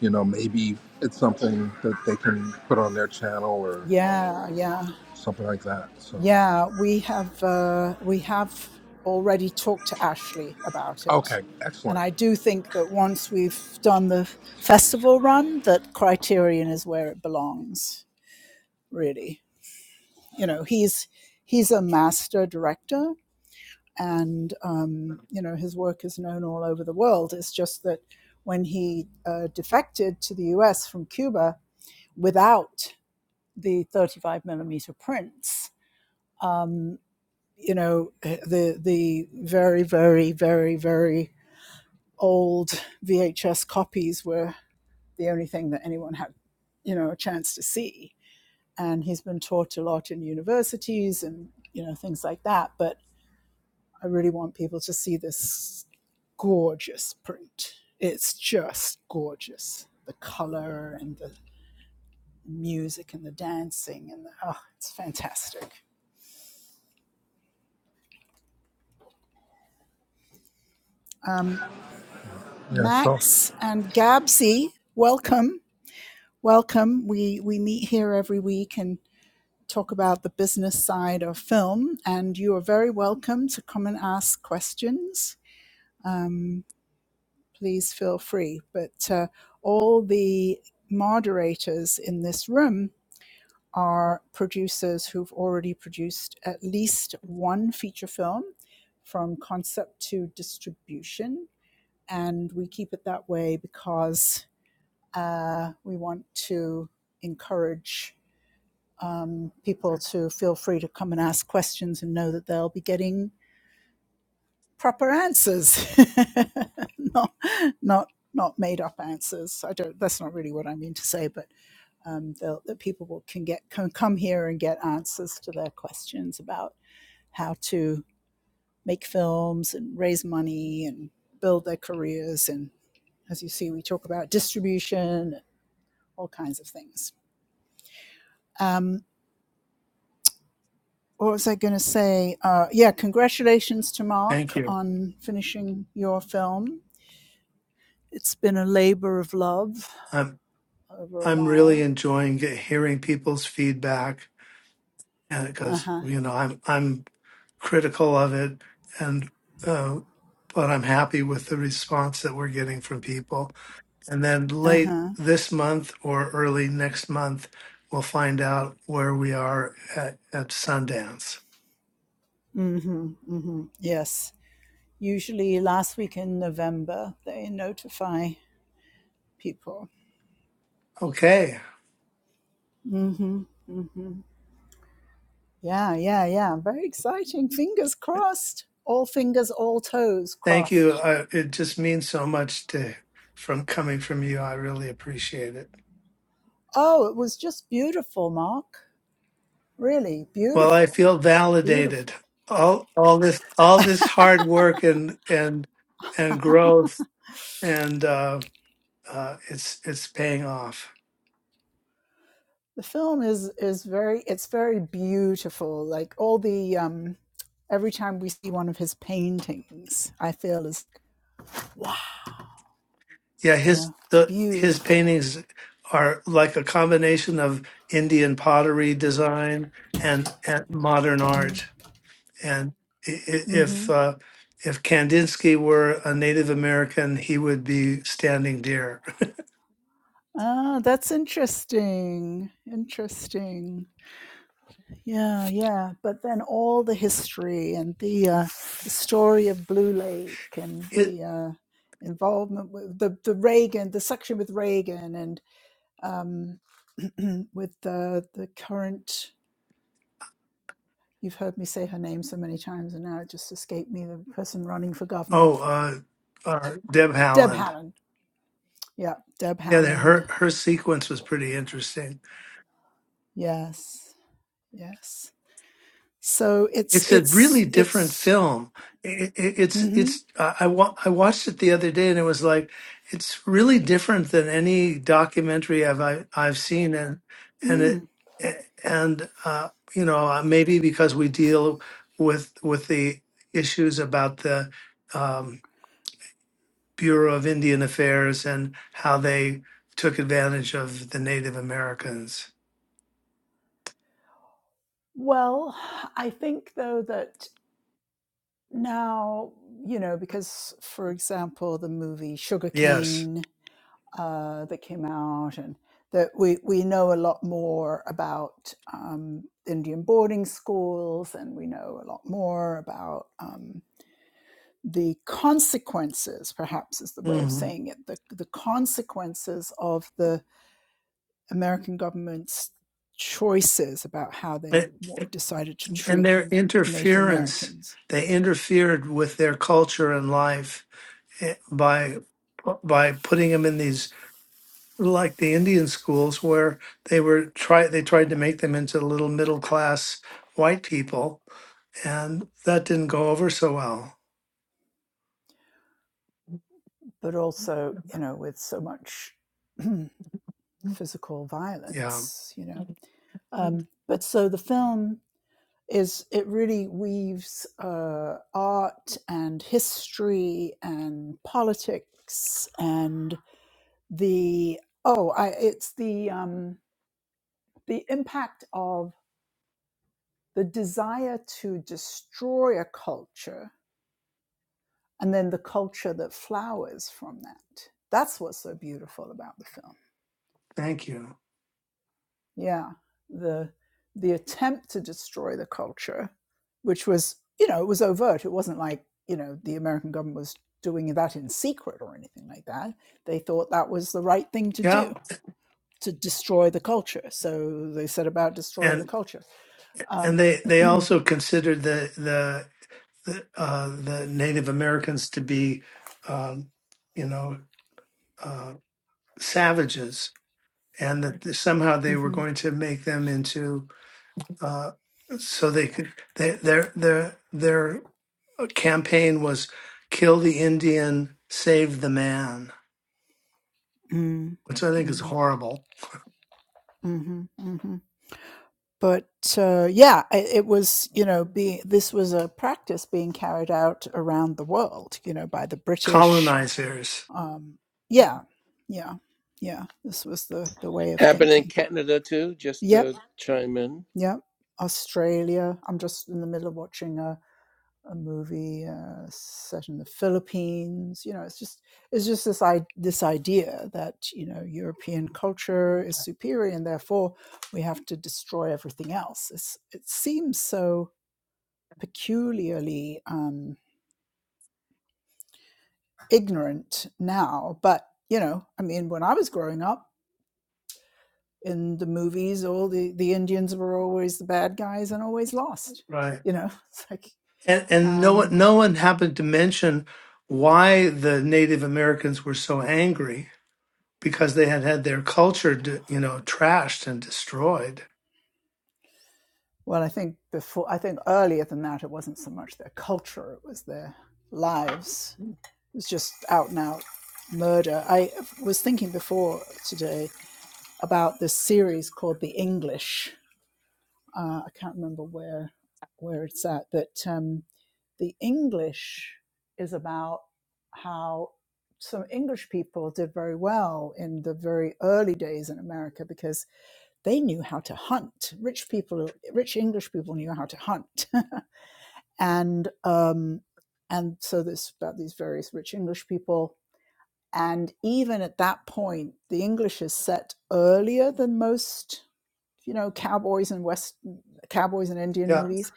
You know, maybe it's something that they can put on their channel or Yeah, yeah. something like that. So, Yeah, we have uh, we have already talked to Ashley about it, okay, and excellent. I do think that once we've done the festival run, that Criterion is where it belongs. Really, you know, he's he's a master director, and um, you know his work is known all over the world. It's just that when he uh, defected to the U.S. from Cuba without the 35 millimeter prints. um, you know the the very very very very old VHS copies were the only thing that anyone had you know a chance to see and he's been taught a lot in universities and you know things like that but I really want people to see this gorgeous print it's just gorgeous the color and the music and the dancing and the, oh it's fantastic um, Yeah. So, Max and Gabsy welcome welcome. We we meet here every week and talk about the business side of film. And you are very welcome to come and ask questions. Um, please feel free. But uh, all the moderators in this room are producers who've already produced at least one feature film from concept to distribution. And we keep it that way because uh, we want to encourage um, people to feel free to come and ask questions and know that they'll be getting proper answers, not not not made up answers. I don't. That's not really what I mean to say, but um, that people will, can get can come here and get answers to their questions about how to make films and raise money and build their careers. And as you see, we talk about distribution, all kinds of things. Um, what was I going to say? Uh, yeah, congratulations to thank Mark you. on finishing your film. It's been a labor of love over a I'm really while. enjoying get, hearing people's feedback and Uh because huh. you know I'm I'm critical of it and uh, but I'm happy with the response that we're getting from people. And then Uh late huh. this month or early next month, we'll find out where we are at, at Sundance. Mm hmm. Mm hmm. Yes. Usually last week in November, they notify people. Okay, Mm hmm. Mm hmm. Yeah, yeah, yeah. Very exciting. Fingers crossed. All fingers, all toes thank you. crossed. Uh, it just means so much to from coming from you. I really appreciate it. Oh, it was just beautiful, Mark. Really Well, I beautiful. feel validated. Beautiful. All all this all this hard work and and and growth and uh, uh, it's it's paying off. the film is is very it's very beautiful like all the um every time we see one of his paintings i feel is wow Yeah, you his know it's the his beautiful paintings are like a combination of Indian pottery design and, and modern art. And i- i- if mm-hmm. uh, if Kandinsky were a Native American, he would be standing deer. ah that's interesting interesting yeah yeah but then all the history and the uh the story of blue lake and the uh involvement with the the reagan the section with reagan and um with the the current You've heard me say her name so many times, and now it just escaped me the person running for governor. Oh, uh, uh, Deb Deb Haaland. Haaland. Yeah, Deb Yeah, they, her Haaland. her sequence was pretty interesting. Yes, yes. So it's, It's a really it's, different it's, film. It, it, it's hmm it's I I, wa- I watched it the other day and it was like it's really different than any documentary I've I, I've seen and and it mm. and uh, you know uh, maybe because we deal with with the issues about the um, Bureau of Indian Affairs and how they took advantage of the Native Americans. well, I think though that now, you know, because for example, the movie Yes. Sugarcane uh, that came out, and that we, we know a lot more about um, Indian boarding schools, and we know a lot more about um, the consequences, perhaps is the way of hmm saying it, the, the consequences of the American government's choices about how they decided to and treat their Native interference, Americans, they interfered with their culture and life eh, by by putting them in these like the Indian schools where they were try they tried to make them into little middle class white people and that didn't go over so well. but also, you know, with so much physical Yeah. violence, you know. Um, but so the film is it really weaves uh, art and history and politics and the oh I, it's the um, the impact of the desire to destroy a culture and then the culture that flowers from that that's what's so beautiful about the film Thank you. yeah the the attempt to destroy the culture which was you know it was overt it wasn't like you know the american government was doing that in secret or anything like that they thought that was the right thing to Yeah. do to destroy the culture so they set about destroying and. the culture um, and they they mhm, also considered the the the, uh, the Native Americans to be, um, you know, uh, savages, and that somehow they were mm, going to make them into uh, so they could they, their their their campaign was kill the Indian, save the man, mm, which I think is horrible. mhm, mhm. but uh, yeah it, it was you know being this was a practice being carried out around the world you know by the british Colonizers, um yeah yeah yeah this was the the way of Happened in thinking Canada too. Just yep to chime in. yep australia i'm just in the middle of watching a a movie uh, set in the Philippines, you know, it's just it's just this I- this idea that you know European culture is superior and therefore we have to destroy everything else. It's, it seems so peculiarly um, ignorant now, but you know, I mean, when I was growing up, in the movies, all the, the Indians were always the bad guys and always lost. right? You know, it's like, and and no one um, no one happened to mention why the Native Americans were so angry because they had had their culture, d- you know, trashed and destroyed. well, I think before, I think earlier than that, it wasn't so much their culture, it was their lives. It was just out and out murder. I was thinking before today about this series called The English, Uh, I can't remember where where it's at, but um, the English is about how some English people did very well in the very early days in America because they knew how to hunt. Rich people, rich English people knew how to hunt, and um, and so this about these various rich English people. And even at that point, the English is set earlier than most you know, cowboys and West cowboys and Indian Yeah. movies.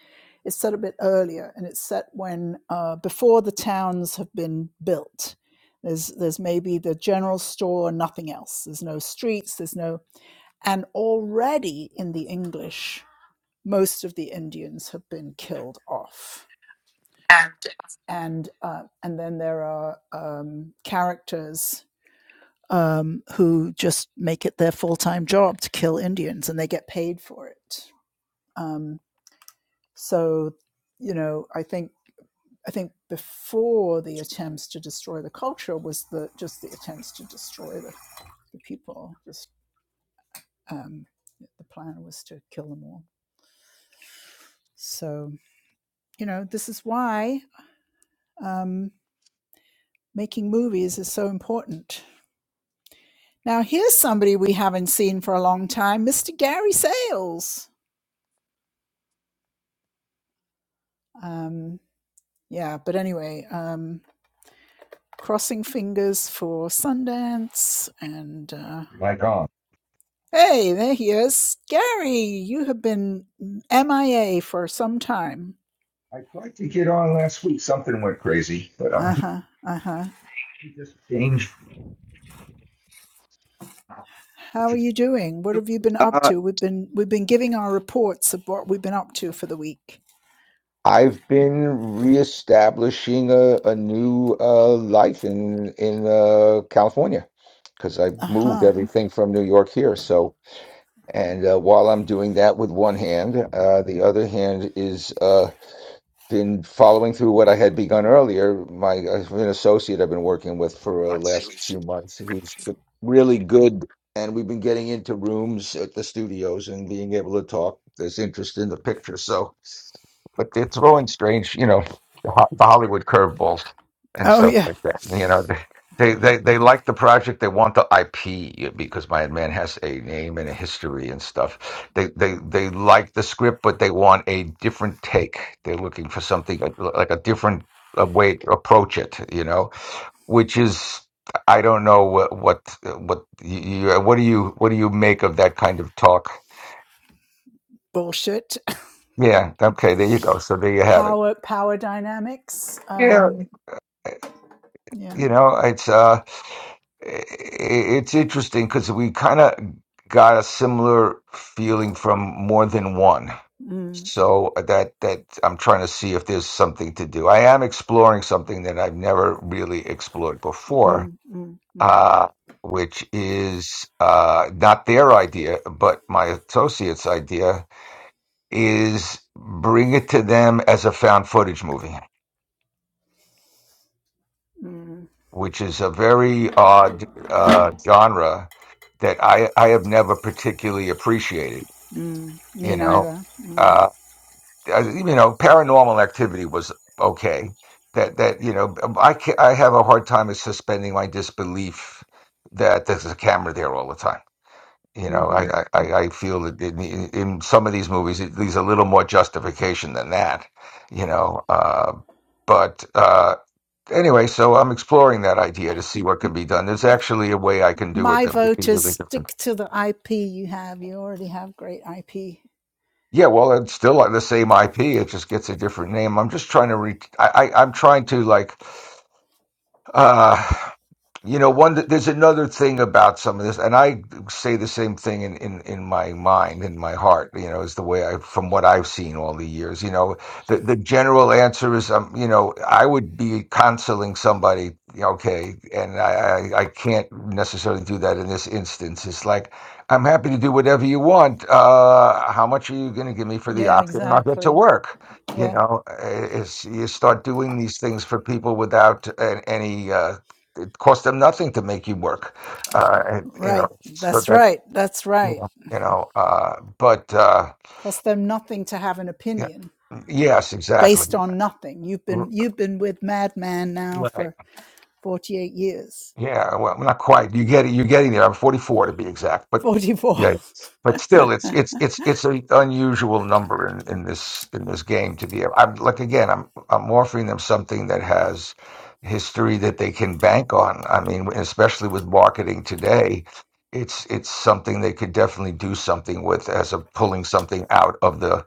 It's set a bit earlier, and it's set when uh, before the towns have been built. There's there's maybe the general store, nothing else. There's no streets. There's no, and already in the English, most of the Indians have been killed off, and uh, and then there are um, characters um, who just make it their full time job to kill Indians, and they get paid for it. Um, So, you know, I think I think before the attempts to destroy the culture was the just the attempts to destroy the, the people. Just um, the plan was to kill them all. So, you know, this is why um, making movies is so important. Now, here's somebody we haven't seen for a long time, Mr. Gary Sales. Um, yeah, but anyway, um, crossing fingers for Sundance and. uh, Like on. Hey, there he is. Gary, you have been MIA for some time. I tried to get on last week. Something went crazy, but I'm here. Uh-huh. Uh-huh. He just changed. How are you doing? What have you been up Uh, to? We've been we've been giving our reports of what we've been up to for the week. I've been reestablishing a, a new uh, life in in uh, California because I moved Uh-huh. everything from New York here. So, and uh, while I'm doing that with one hand, uh, the other hand is uh, been following through what I had begun earlier. My I have an associate I've been working with for the last few months, who's really good, and we've been getting into rooms at the studios and being able to talk. There's interest in the picture, so but they're throwing strange, you know, the Ho- the Hollywood curveballs and Oh stuff yeah. like that. You know, They, they they like the project. They want the IP because my man has a name and a history and stuff. They they they like the script, but they want a different take. They're looking for something like, like a different uh, way to approach it. You know, which is I don't know what what what you, what do you what do you make of that kind of talk? Bullshit. Yeah. Okay. There you go. So there you have it. Power power dynamics. Yeah. Um yeah. You know, it's uh it's interesting because we kind of got a similar feeling from more than one. Mm, So uh, that that I'm trying to see if there's something to do. I am exploring something that I've never really explored before, mm, mm, mm, uh, which is uh, not their idea, but my associate's idea is bring it to them as a found footage movie. mm, which is a very odd uh, genre that I, I have never particularly appreciated. mm. Me You know, neither. Mm. uh, I- you know, Paranormal Activity was okay. That that you know, um, I ca I have a hard time of suspending my disbelief that there's a camera there all the time. You know, hmm I I, I I feel that in, in in some of these movies, it, there's a little more justification than that. You know, uh, but. Uh, anyway, so I'm exploring that idea to see what can be done. There's actually a way I can do it My that would be vote is really different. stick to the IP you have. You already have great IP. Yeah, well, it's still like the same IP. It just gets a different name. I'm just trying to re. I, I I'm trying to like. Uh, You know, one there's another thing about some of this, and I say the same thing in in in my mind, in my heart. You know, is the way I from what I've seen all the years. You know, the the general answer is, um, you know, I would be counseling somebody, okay, and I I, I can't necessarily do that in this instance. It's like I'm happy to do whatever you want. Uh, how much are you going to give me for the Yeah, option? And I'll get to exactly. work. You Yeah, know, uh, it's, you start doing these things for people without a- any uh, it costs them nothing to make you work. Uh, and, you know, right. so That's that, right. That's you right. know, you know, uh, but uh, Cost them nothing to have an yeah, opinion yes, exactly. based on nothing. You've been you've been with Madman now Right. for forty eight years, Yeah, well, not quite. You get it. You're getting there. I'm 44 to be exact, but forty four. yeah, but still, it's it's it's it's an unusual number in, in this in this game to be. I'm like again, I'm I'm offering them something that has history that they can bank on. I mean, especially with marketing today, it's it's something they could definitely do something with as a pulling something out of the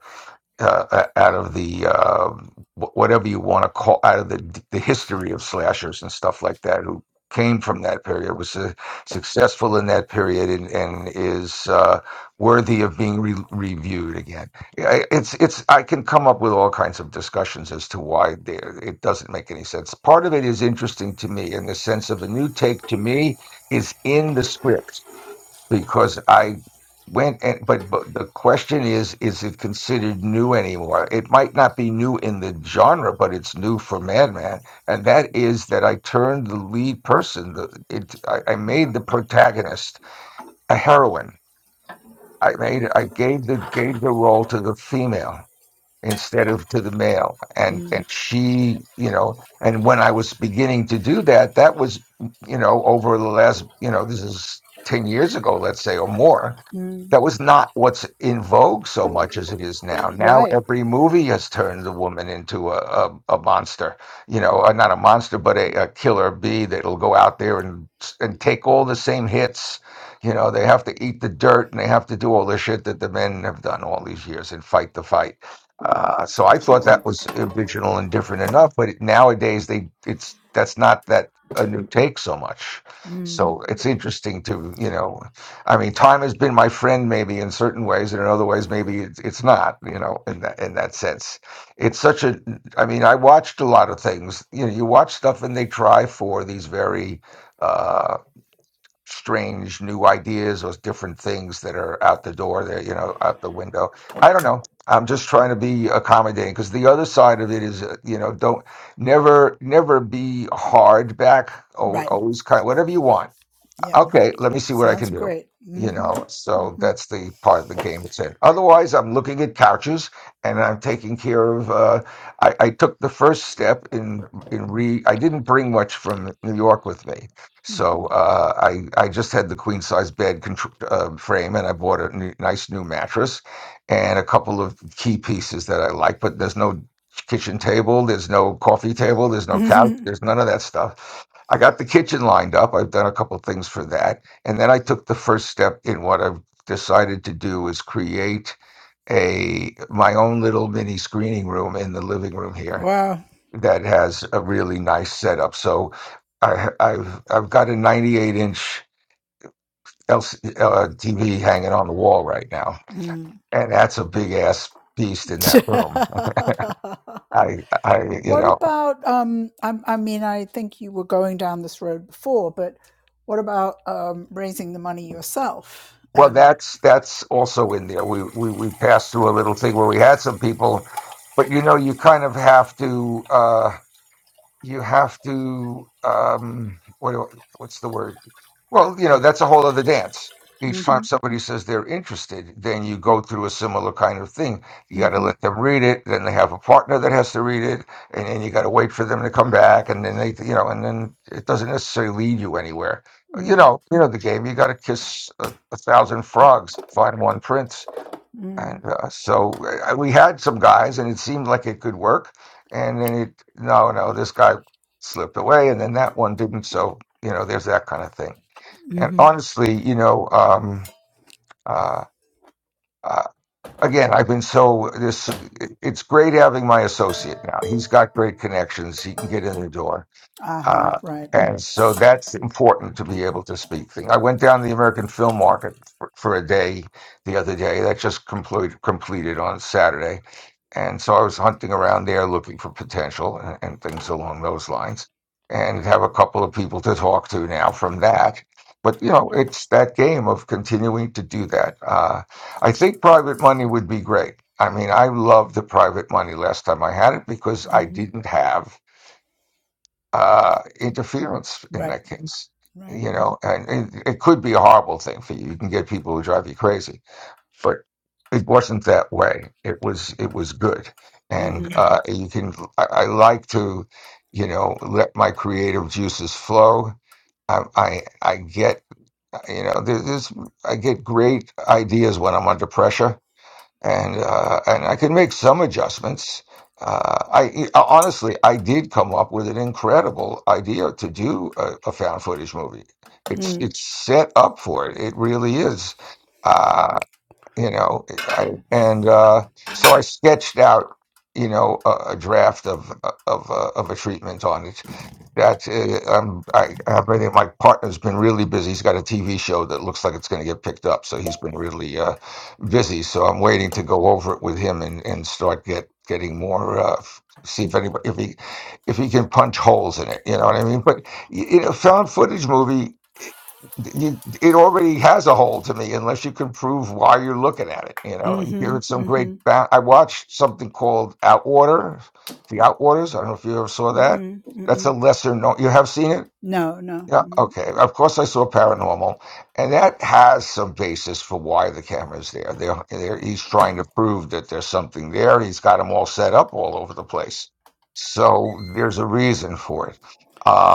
uh, uh, out of the um, wh- whatever you want to call out of the the history of slashers and stuff like that who came from that period was uh, successful in that period and, and is uh, worthy of being re- reviewed again I- it's it's I can come up with all kinds of discussions as to why they, it doesn't make any sense part of it is interesting to me in the sense of a new take to me is in the script because I went and but, but the question is is it considered new anymore? It might not be new in the genre, but it's new for Madman, and that is that I turned the lead person. The, it I, I made the protagonist a heroine. I made I gave the gave the role to the female instead of to the male and and she you know and when i was beginning to do that that was you know over the last you know this is 10 years ago let's say or more that was not what's in vogue so much as it is now now Right. every movie has turned the woman into a a, a monster you know uh, not a monster but a, a killer bee that'll go out there and and take all the same hits you know they have to eat the dirt and they have to do all the shit that the men have done all these years and fight the fight uh, so I thought that was original and different enough, but nowadays they it's that's not that a new take so much. Mm. So it's interesting to you know, I mean, time has been my friend maybe in certain ways, and in other ways maybe it's, it's not. You know, in that in that sense, it's such a. I mean, I watched a lot of things. You know, you watch stuff and they try for these very. uh, strange new ideas or different things that are out the door that you know out the window i don't know i'm just trying to be accommodating because the other side of it is uh, you know don't never never be hard back al- Right. always kind whatever you want Yep. okay, let me see what I Sounds can do. great. You know, Mm-hmm. so Mm-hmm. that's the part of the game it's in. Otherwise, I'm looking at couches and I'm taking care of. Uh, I, I took the first step in in re. I didn't bring much from New York with me, so uh, I I just had the queen size bed contr- uh, frame and I bought a new, nice new mattress and a couple of key pieces that I like. But there's no kitchen table, there's no coffee table, there's no couch, Mm-hmm. there's none of that stuff. I got the kitchen lined up. I've done a couple things for that. And then I took the first step in what I've decided to do is create a my own little mini screening room in the living room here wow. that has a really nice setup. So I, I've I've got a 98 inch LC, uh, TV hanging on the wall right now, Mm. and that's a big ass beast in that room. I I you What know about um I, I mean I think you were going down this road before, but what about um raising the money yourself Well, and that's that's also in there. We, we we passed through a little thing where we had some people, but you know, you kind of have to. Uh, you have to um what do, I, what's the word well you know that's a whole other dance each time mhm somebody says they're interested then you go through a similar kind of thing you got to mhm let them read it then they have a partner that has to read it and then you got to wait for them to come back and then they you know and then it doesn't necessarily lead you anywhere Uh, you mm know you know the game you got to kiss a, a thousand frogs find one prince and mm uh, so uh, we had some guys, and it seemed like it could work. And then it, no, no, this guy slipped away, and then that one didn't. So, you know, there's that kind of thing. And mhm honestly, you know, um, uh, uh, again, I've been so, this, it's great having my associate now. He's got great connections, he can get in the door uh-huh uh, right and so that's important to be able to speak things. I went down to the American film market for, for a day the other day. That just complete, completed on Saturday. And so I was hunting around there looking for potential and, and things along those lines and have a couple of people to talk to now from that. But, you know, it's that game of continuing to do that. Uh, I think private money would be great. I mean, I loved the private money last time I had it because I mhm didn't have uh, interference in right that case. right You know, and it, it could be a horrible thing for you. You can get people who drive you crazy, but it wasn't that way. It was it was good, and mhm Yeah. uh, you can. I, I like to, you know, let my creative juices flow. I I, I get you know there, there's I get great ideas when I'm under pressure and uh, and I can make some adjustments. Uh, I e, uh, honestly, I did come up with an incredible idea to do a, a found footage movie. It's mm it's set up for it. It really is. Uh, you know I, and uh, so i sketched out you know a, a draft of uh, of uh, of a treatment on it that uh, um, I, I think my partner's been really busy he's got a tv show that looks like it's going to get picked up so he's been really uh, busy so i'm waiting to go over it with him and, and start get getting more uh, f- see if anybody if he if he can punch holes in it you know what i mean but y- in a found footage movie you, it already has a hole to me unless you can prove why you're looking at it. You know, here mhm it's some great. mhm Ba- I watched something called Outwater, The Outwaters. I don't know if you ever saw that. mhm That's a mhm lesser known. You have seen it? no no Yeah. Mm-hmm. Okay. Of course, I saw Paranormal, and that has some basis for why the camera's there. There, there. He's trying to prove that there's something there. He's got them all set up all over the place. So there's a reason for it.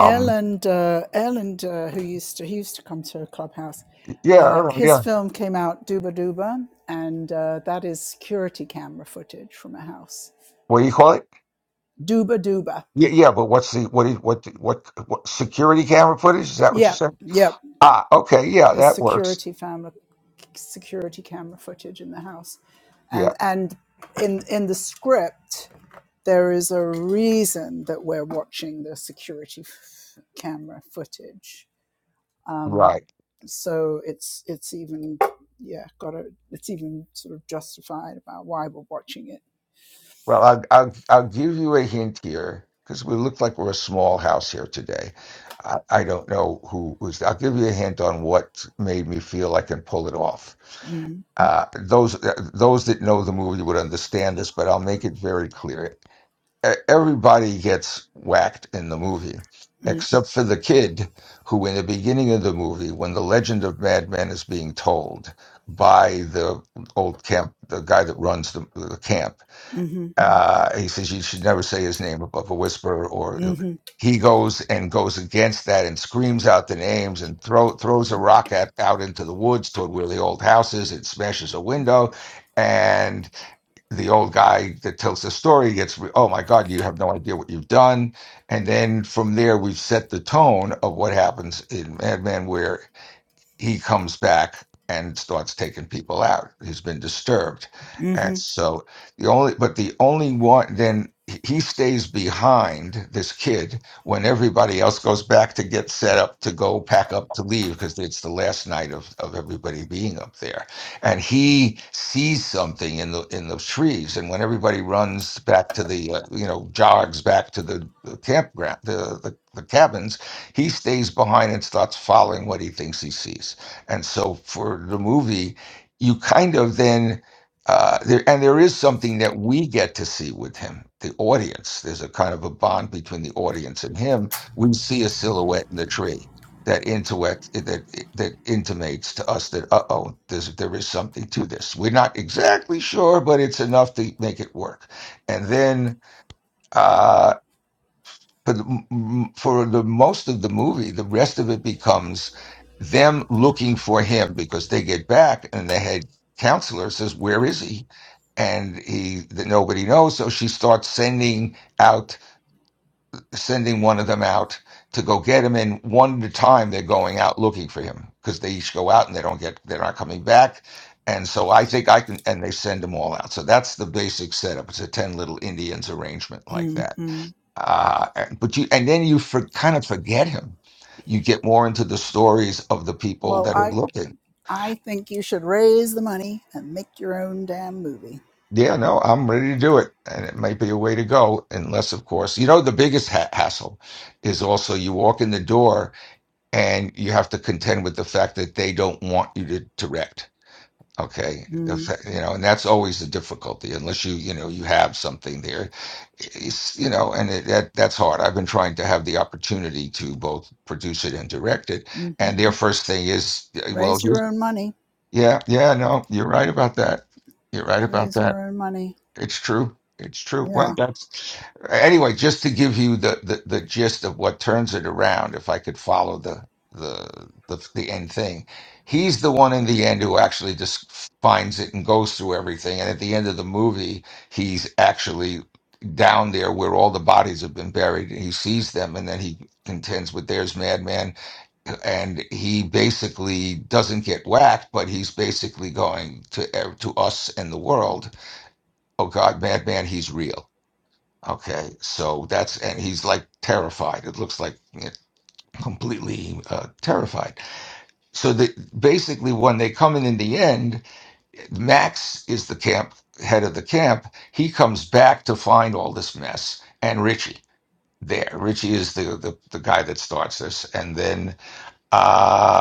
El and uh, El and uh, who used to he used to come to Clubhouse. yeah. I Uh, don't know, his Yeah. film came out Duba Duba, and uh, that is security camera footage from a house. What do you call it? Duba Duba. Yeah, yeah, but what's the what is what what what security camera footage? Is that what you Yeah, said? yeah. Ah, okay, yeah, It's that works. security family security camera footage in the house, Yeah, and and in in the script there is a reason that we're watching the security f- camera footage right. so it's it's even yeah got a it's even sort of justified about why we're watching it Well, I'll I'll, I'll give you a hint here because we look like we're a small house here today. I, I don't know who was. I'll give you a hint on what made me feel I can pull it off. mm Uh, those uh, those that know the movie would understand this, but I'll make it very clear. e- everybody gets whacked in the movie, mm except for the kid who, in the beginning of the movie, when the legend of Madman is being told by the old camp, the guy that runs the, the camp, mhm, uh, he says you should never say his name above a whisper, or mhm, he goes and goes against that and screams out the names and throw, throws a rock at, out into the woods toward where the old house is and smashes a window the old guy that tells the story gets re- oh my god you have no idea what you've done and then from there we've set the tone of what happens in madman where he comes back and starts taking people out who's been disturbed and mhm. so the only but the only one then he he stays behind this kid when everybody else goes back to get set up to go pack up to leave because it's the last night of, of everybody being up there and he sees something in the in the trees and when everybody runs back to the uh, you know jogs back to the, the campground the, the the cabins he stays behind and starts following what he thinks he sees. And so for the movie, you kind of then. Uh, there, and there is something that we get to see with him, the audience. There's a kind of a bond between the audience and him. We see a silhouette in the tree that intellect that that intimates to us that uh oh, there's there is something to this. We're not exactly sure, but it's enough to make it work. And then uh, for the, for the most of the movie, the rest of it becomes them looking for him because they get back and the head counselor says, "Where is he?" And he that nobody knows, so she starts sending out sending one of them out to go get him. And one at a time, they're going out looking for him because they each go out and they don't get they're not coming back. And so I think I can, and they send them all out. So that's the basic setup. It's a ten little Indians arrangement like that uh, and- but you and then you for, kind of forget him. You get more into the stories of the people well that are i looking. i think you should raise the money and make your own damn movie Yeah, no, I'm ready to do it, and it might be a way to go, unless, of course, you know the biggest ha- hassle is also you walk in the door and you have to contend with the fact that they don't want you to direct Okay, the mm fa- you know, and that's always the difficulty, unless you, you know, you have something there, it's, you know, and it, that that's hard. I've been trying to have the opportunity to both produce it and direct it, mhm. and their first thing is, yeah, well, raise here's- your own money yeah, yeah, no, you're right about that. You're right about raise that. your own money It's true. It's true. Well, yeah that's Anyway, just to give you the, the, the gist of what turns it around, if I could follow the the the, the end thing, he's the one in the end who actually just finds it and goes through everything. And at the end of the movie, he's actually down there where all the bodies have been buried, and he sees them, and then he contends with "There's Madman," and he basically doesn't get whacked, but he's basically going to to us and the world. Oh God, Madman, he's real Okay, so that's and he's like terrified. It looks like you know, completely uh, terrified. So the, basically, when they come in in the end, Max is the camp head of the camp. He comes back to find all this mess and Richie there. Richie is the the, the guy that starts this, and then uh,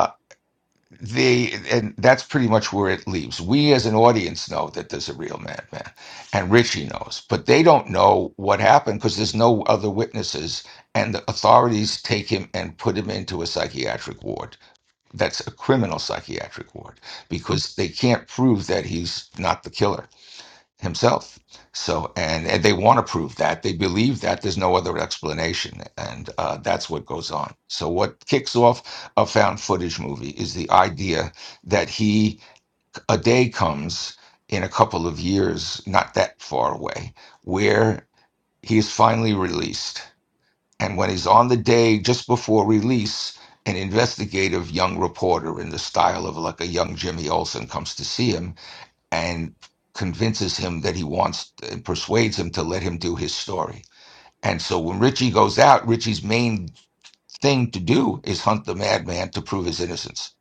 the and that's pretty much where it leaves. We as an audience know that there's a real madman, and Richie knows, but they don't know what happened because there's no other witnesses, and the authorities take him and put him into a psychiatric ward. That's a criminal psychiatric ward because they can't prove that he's not the killer himself. So, and, and they want to prove that they believe that there's no other explanation, and uh, that's what goes on. So, what kicks off a found footage movie is the idea that he a day comes in a couple of years, not that far away, where he is finally released. And when he's on the day just before release, an investigative young reporter in the style of like a young Jimmy Olsen comes to see him and convinces him that he wants and persuades him to let him do his story. And so when Richie goes out, Richie's main thing to do is hunt the madman to prove his innocence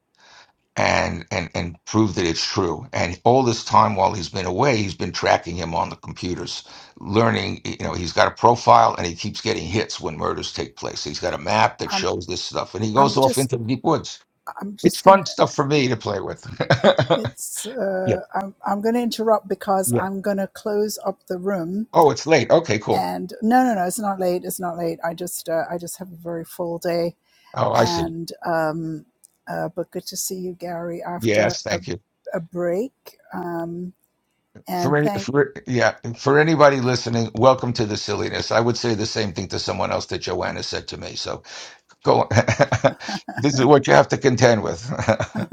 and and and prove that it's true. And all this time while he's been away, he's been tracking him on the computers, learning, you know, he's got a profile and he keeps getting hits when murders take place. He's got a map that i'm shows this stuff and he goes i'm off just into the deep woods. i'm It's just gonna fun stuff for me to play with. It's Yeah, uh, I'm I'm going to interrupt because yeah. I'm going to close up the room. oh, it's late. Okay, cool. And no, no, no, it's not late. It's not late. I just uh, I just have a very full day. Oh, I see. And um, uh, but good to see you, Gary, after Yes, a thank you. a break. Um, For and any, thank. for yeah, for anybody listening, welcome to the silliness. I would say the same thing to someone else that Joanna said to me. So go on. This is what you have to contend with.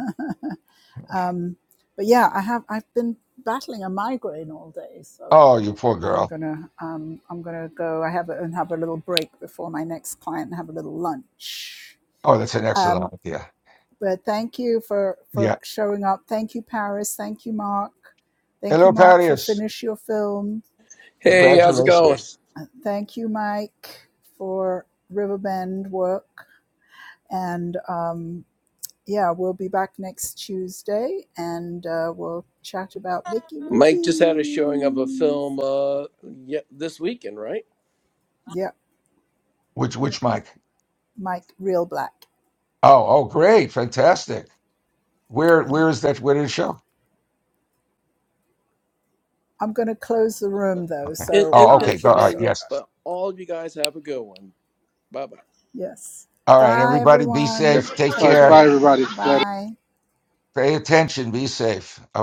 Um, but yeah, I have I've been battling a migraine all day, so. Oh, you poor I'm girl. gonna um, I'm gonna go. I have a, and have a little break before my next client and have a little lunch. Oh, that's an excellent Um, idea. But thank you for for Yeah. showing up. Thank you, Paris. Thank you, Mark. Thank you, Hello, Mark, for Parius. finish your film. Hey, how's it going? Congratulations. Uh, Thank you, Mike, for Riverbend work. And um, yeah, we'll be back next Tuesday, and uh, we'll chat about Mickey Mike just had a showing of a movies. film uh yeah, this weekend, right? Yeah, Which yeah. which mic? Mike, real black. Oh, oh, great, fantastic. Where Yeah. where is that? Where did it show? I'm going to close the room though, Okay. In so in Oh, um, okay. Go. I'm All right. sorry. Pennsylvania. Yes. But all of you guys have a good one. Bye bye. Yes. All right. Bye, Everybody, be everyone. Okay. safe. Take All Take right. care. Bye, care. everybody. Glad Bye. Pay attention. Be safe. Okay.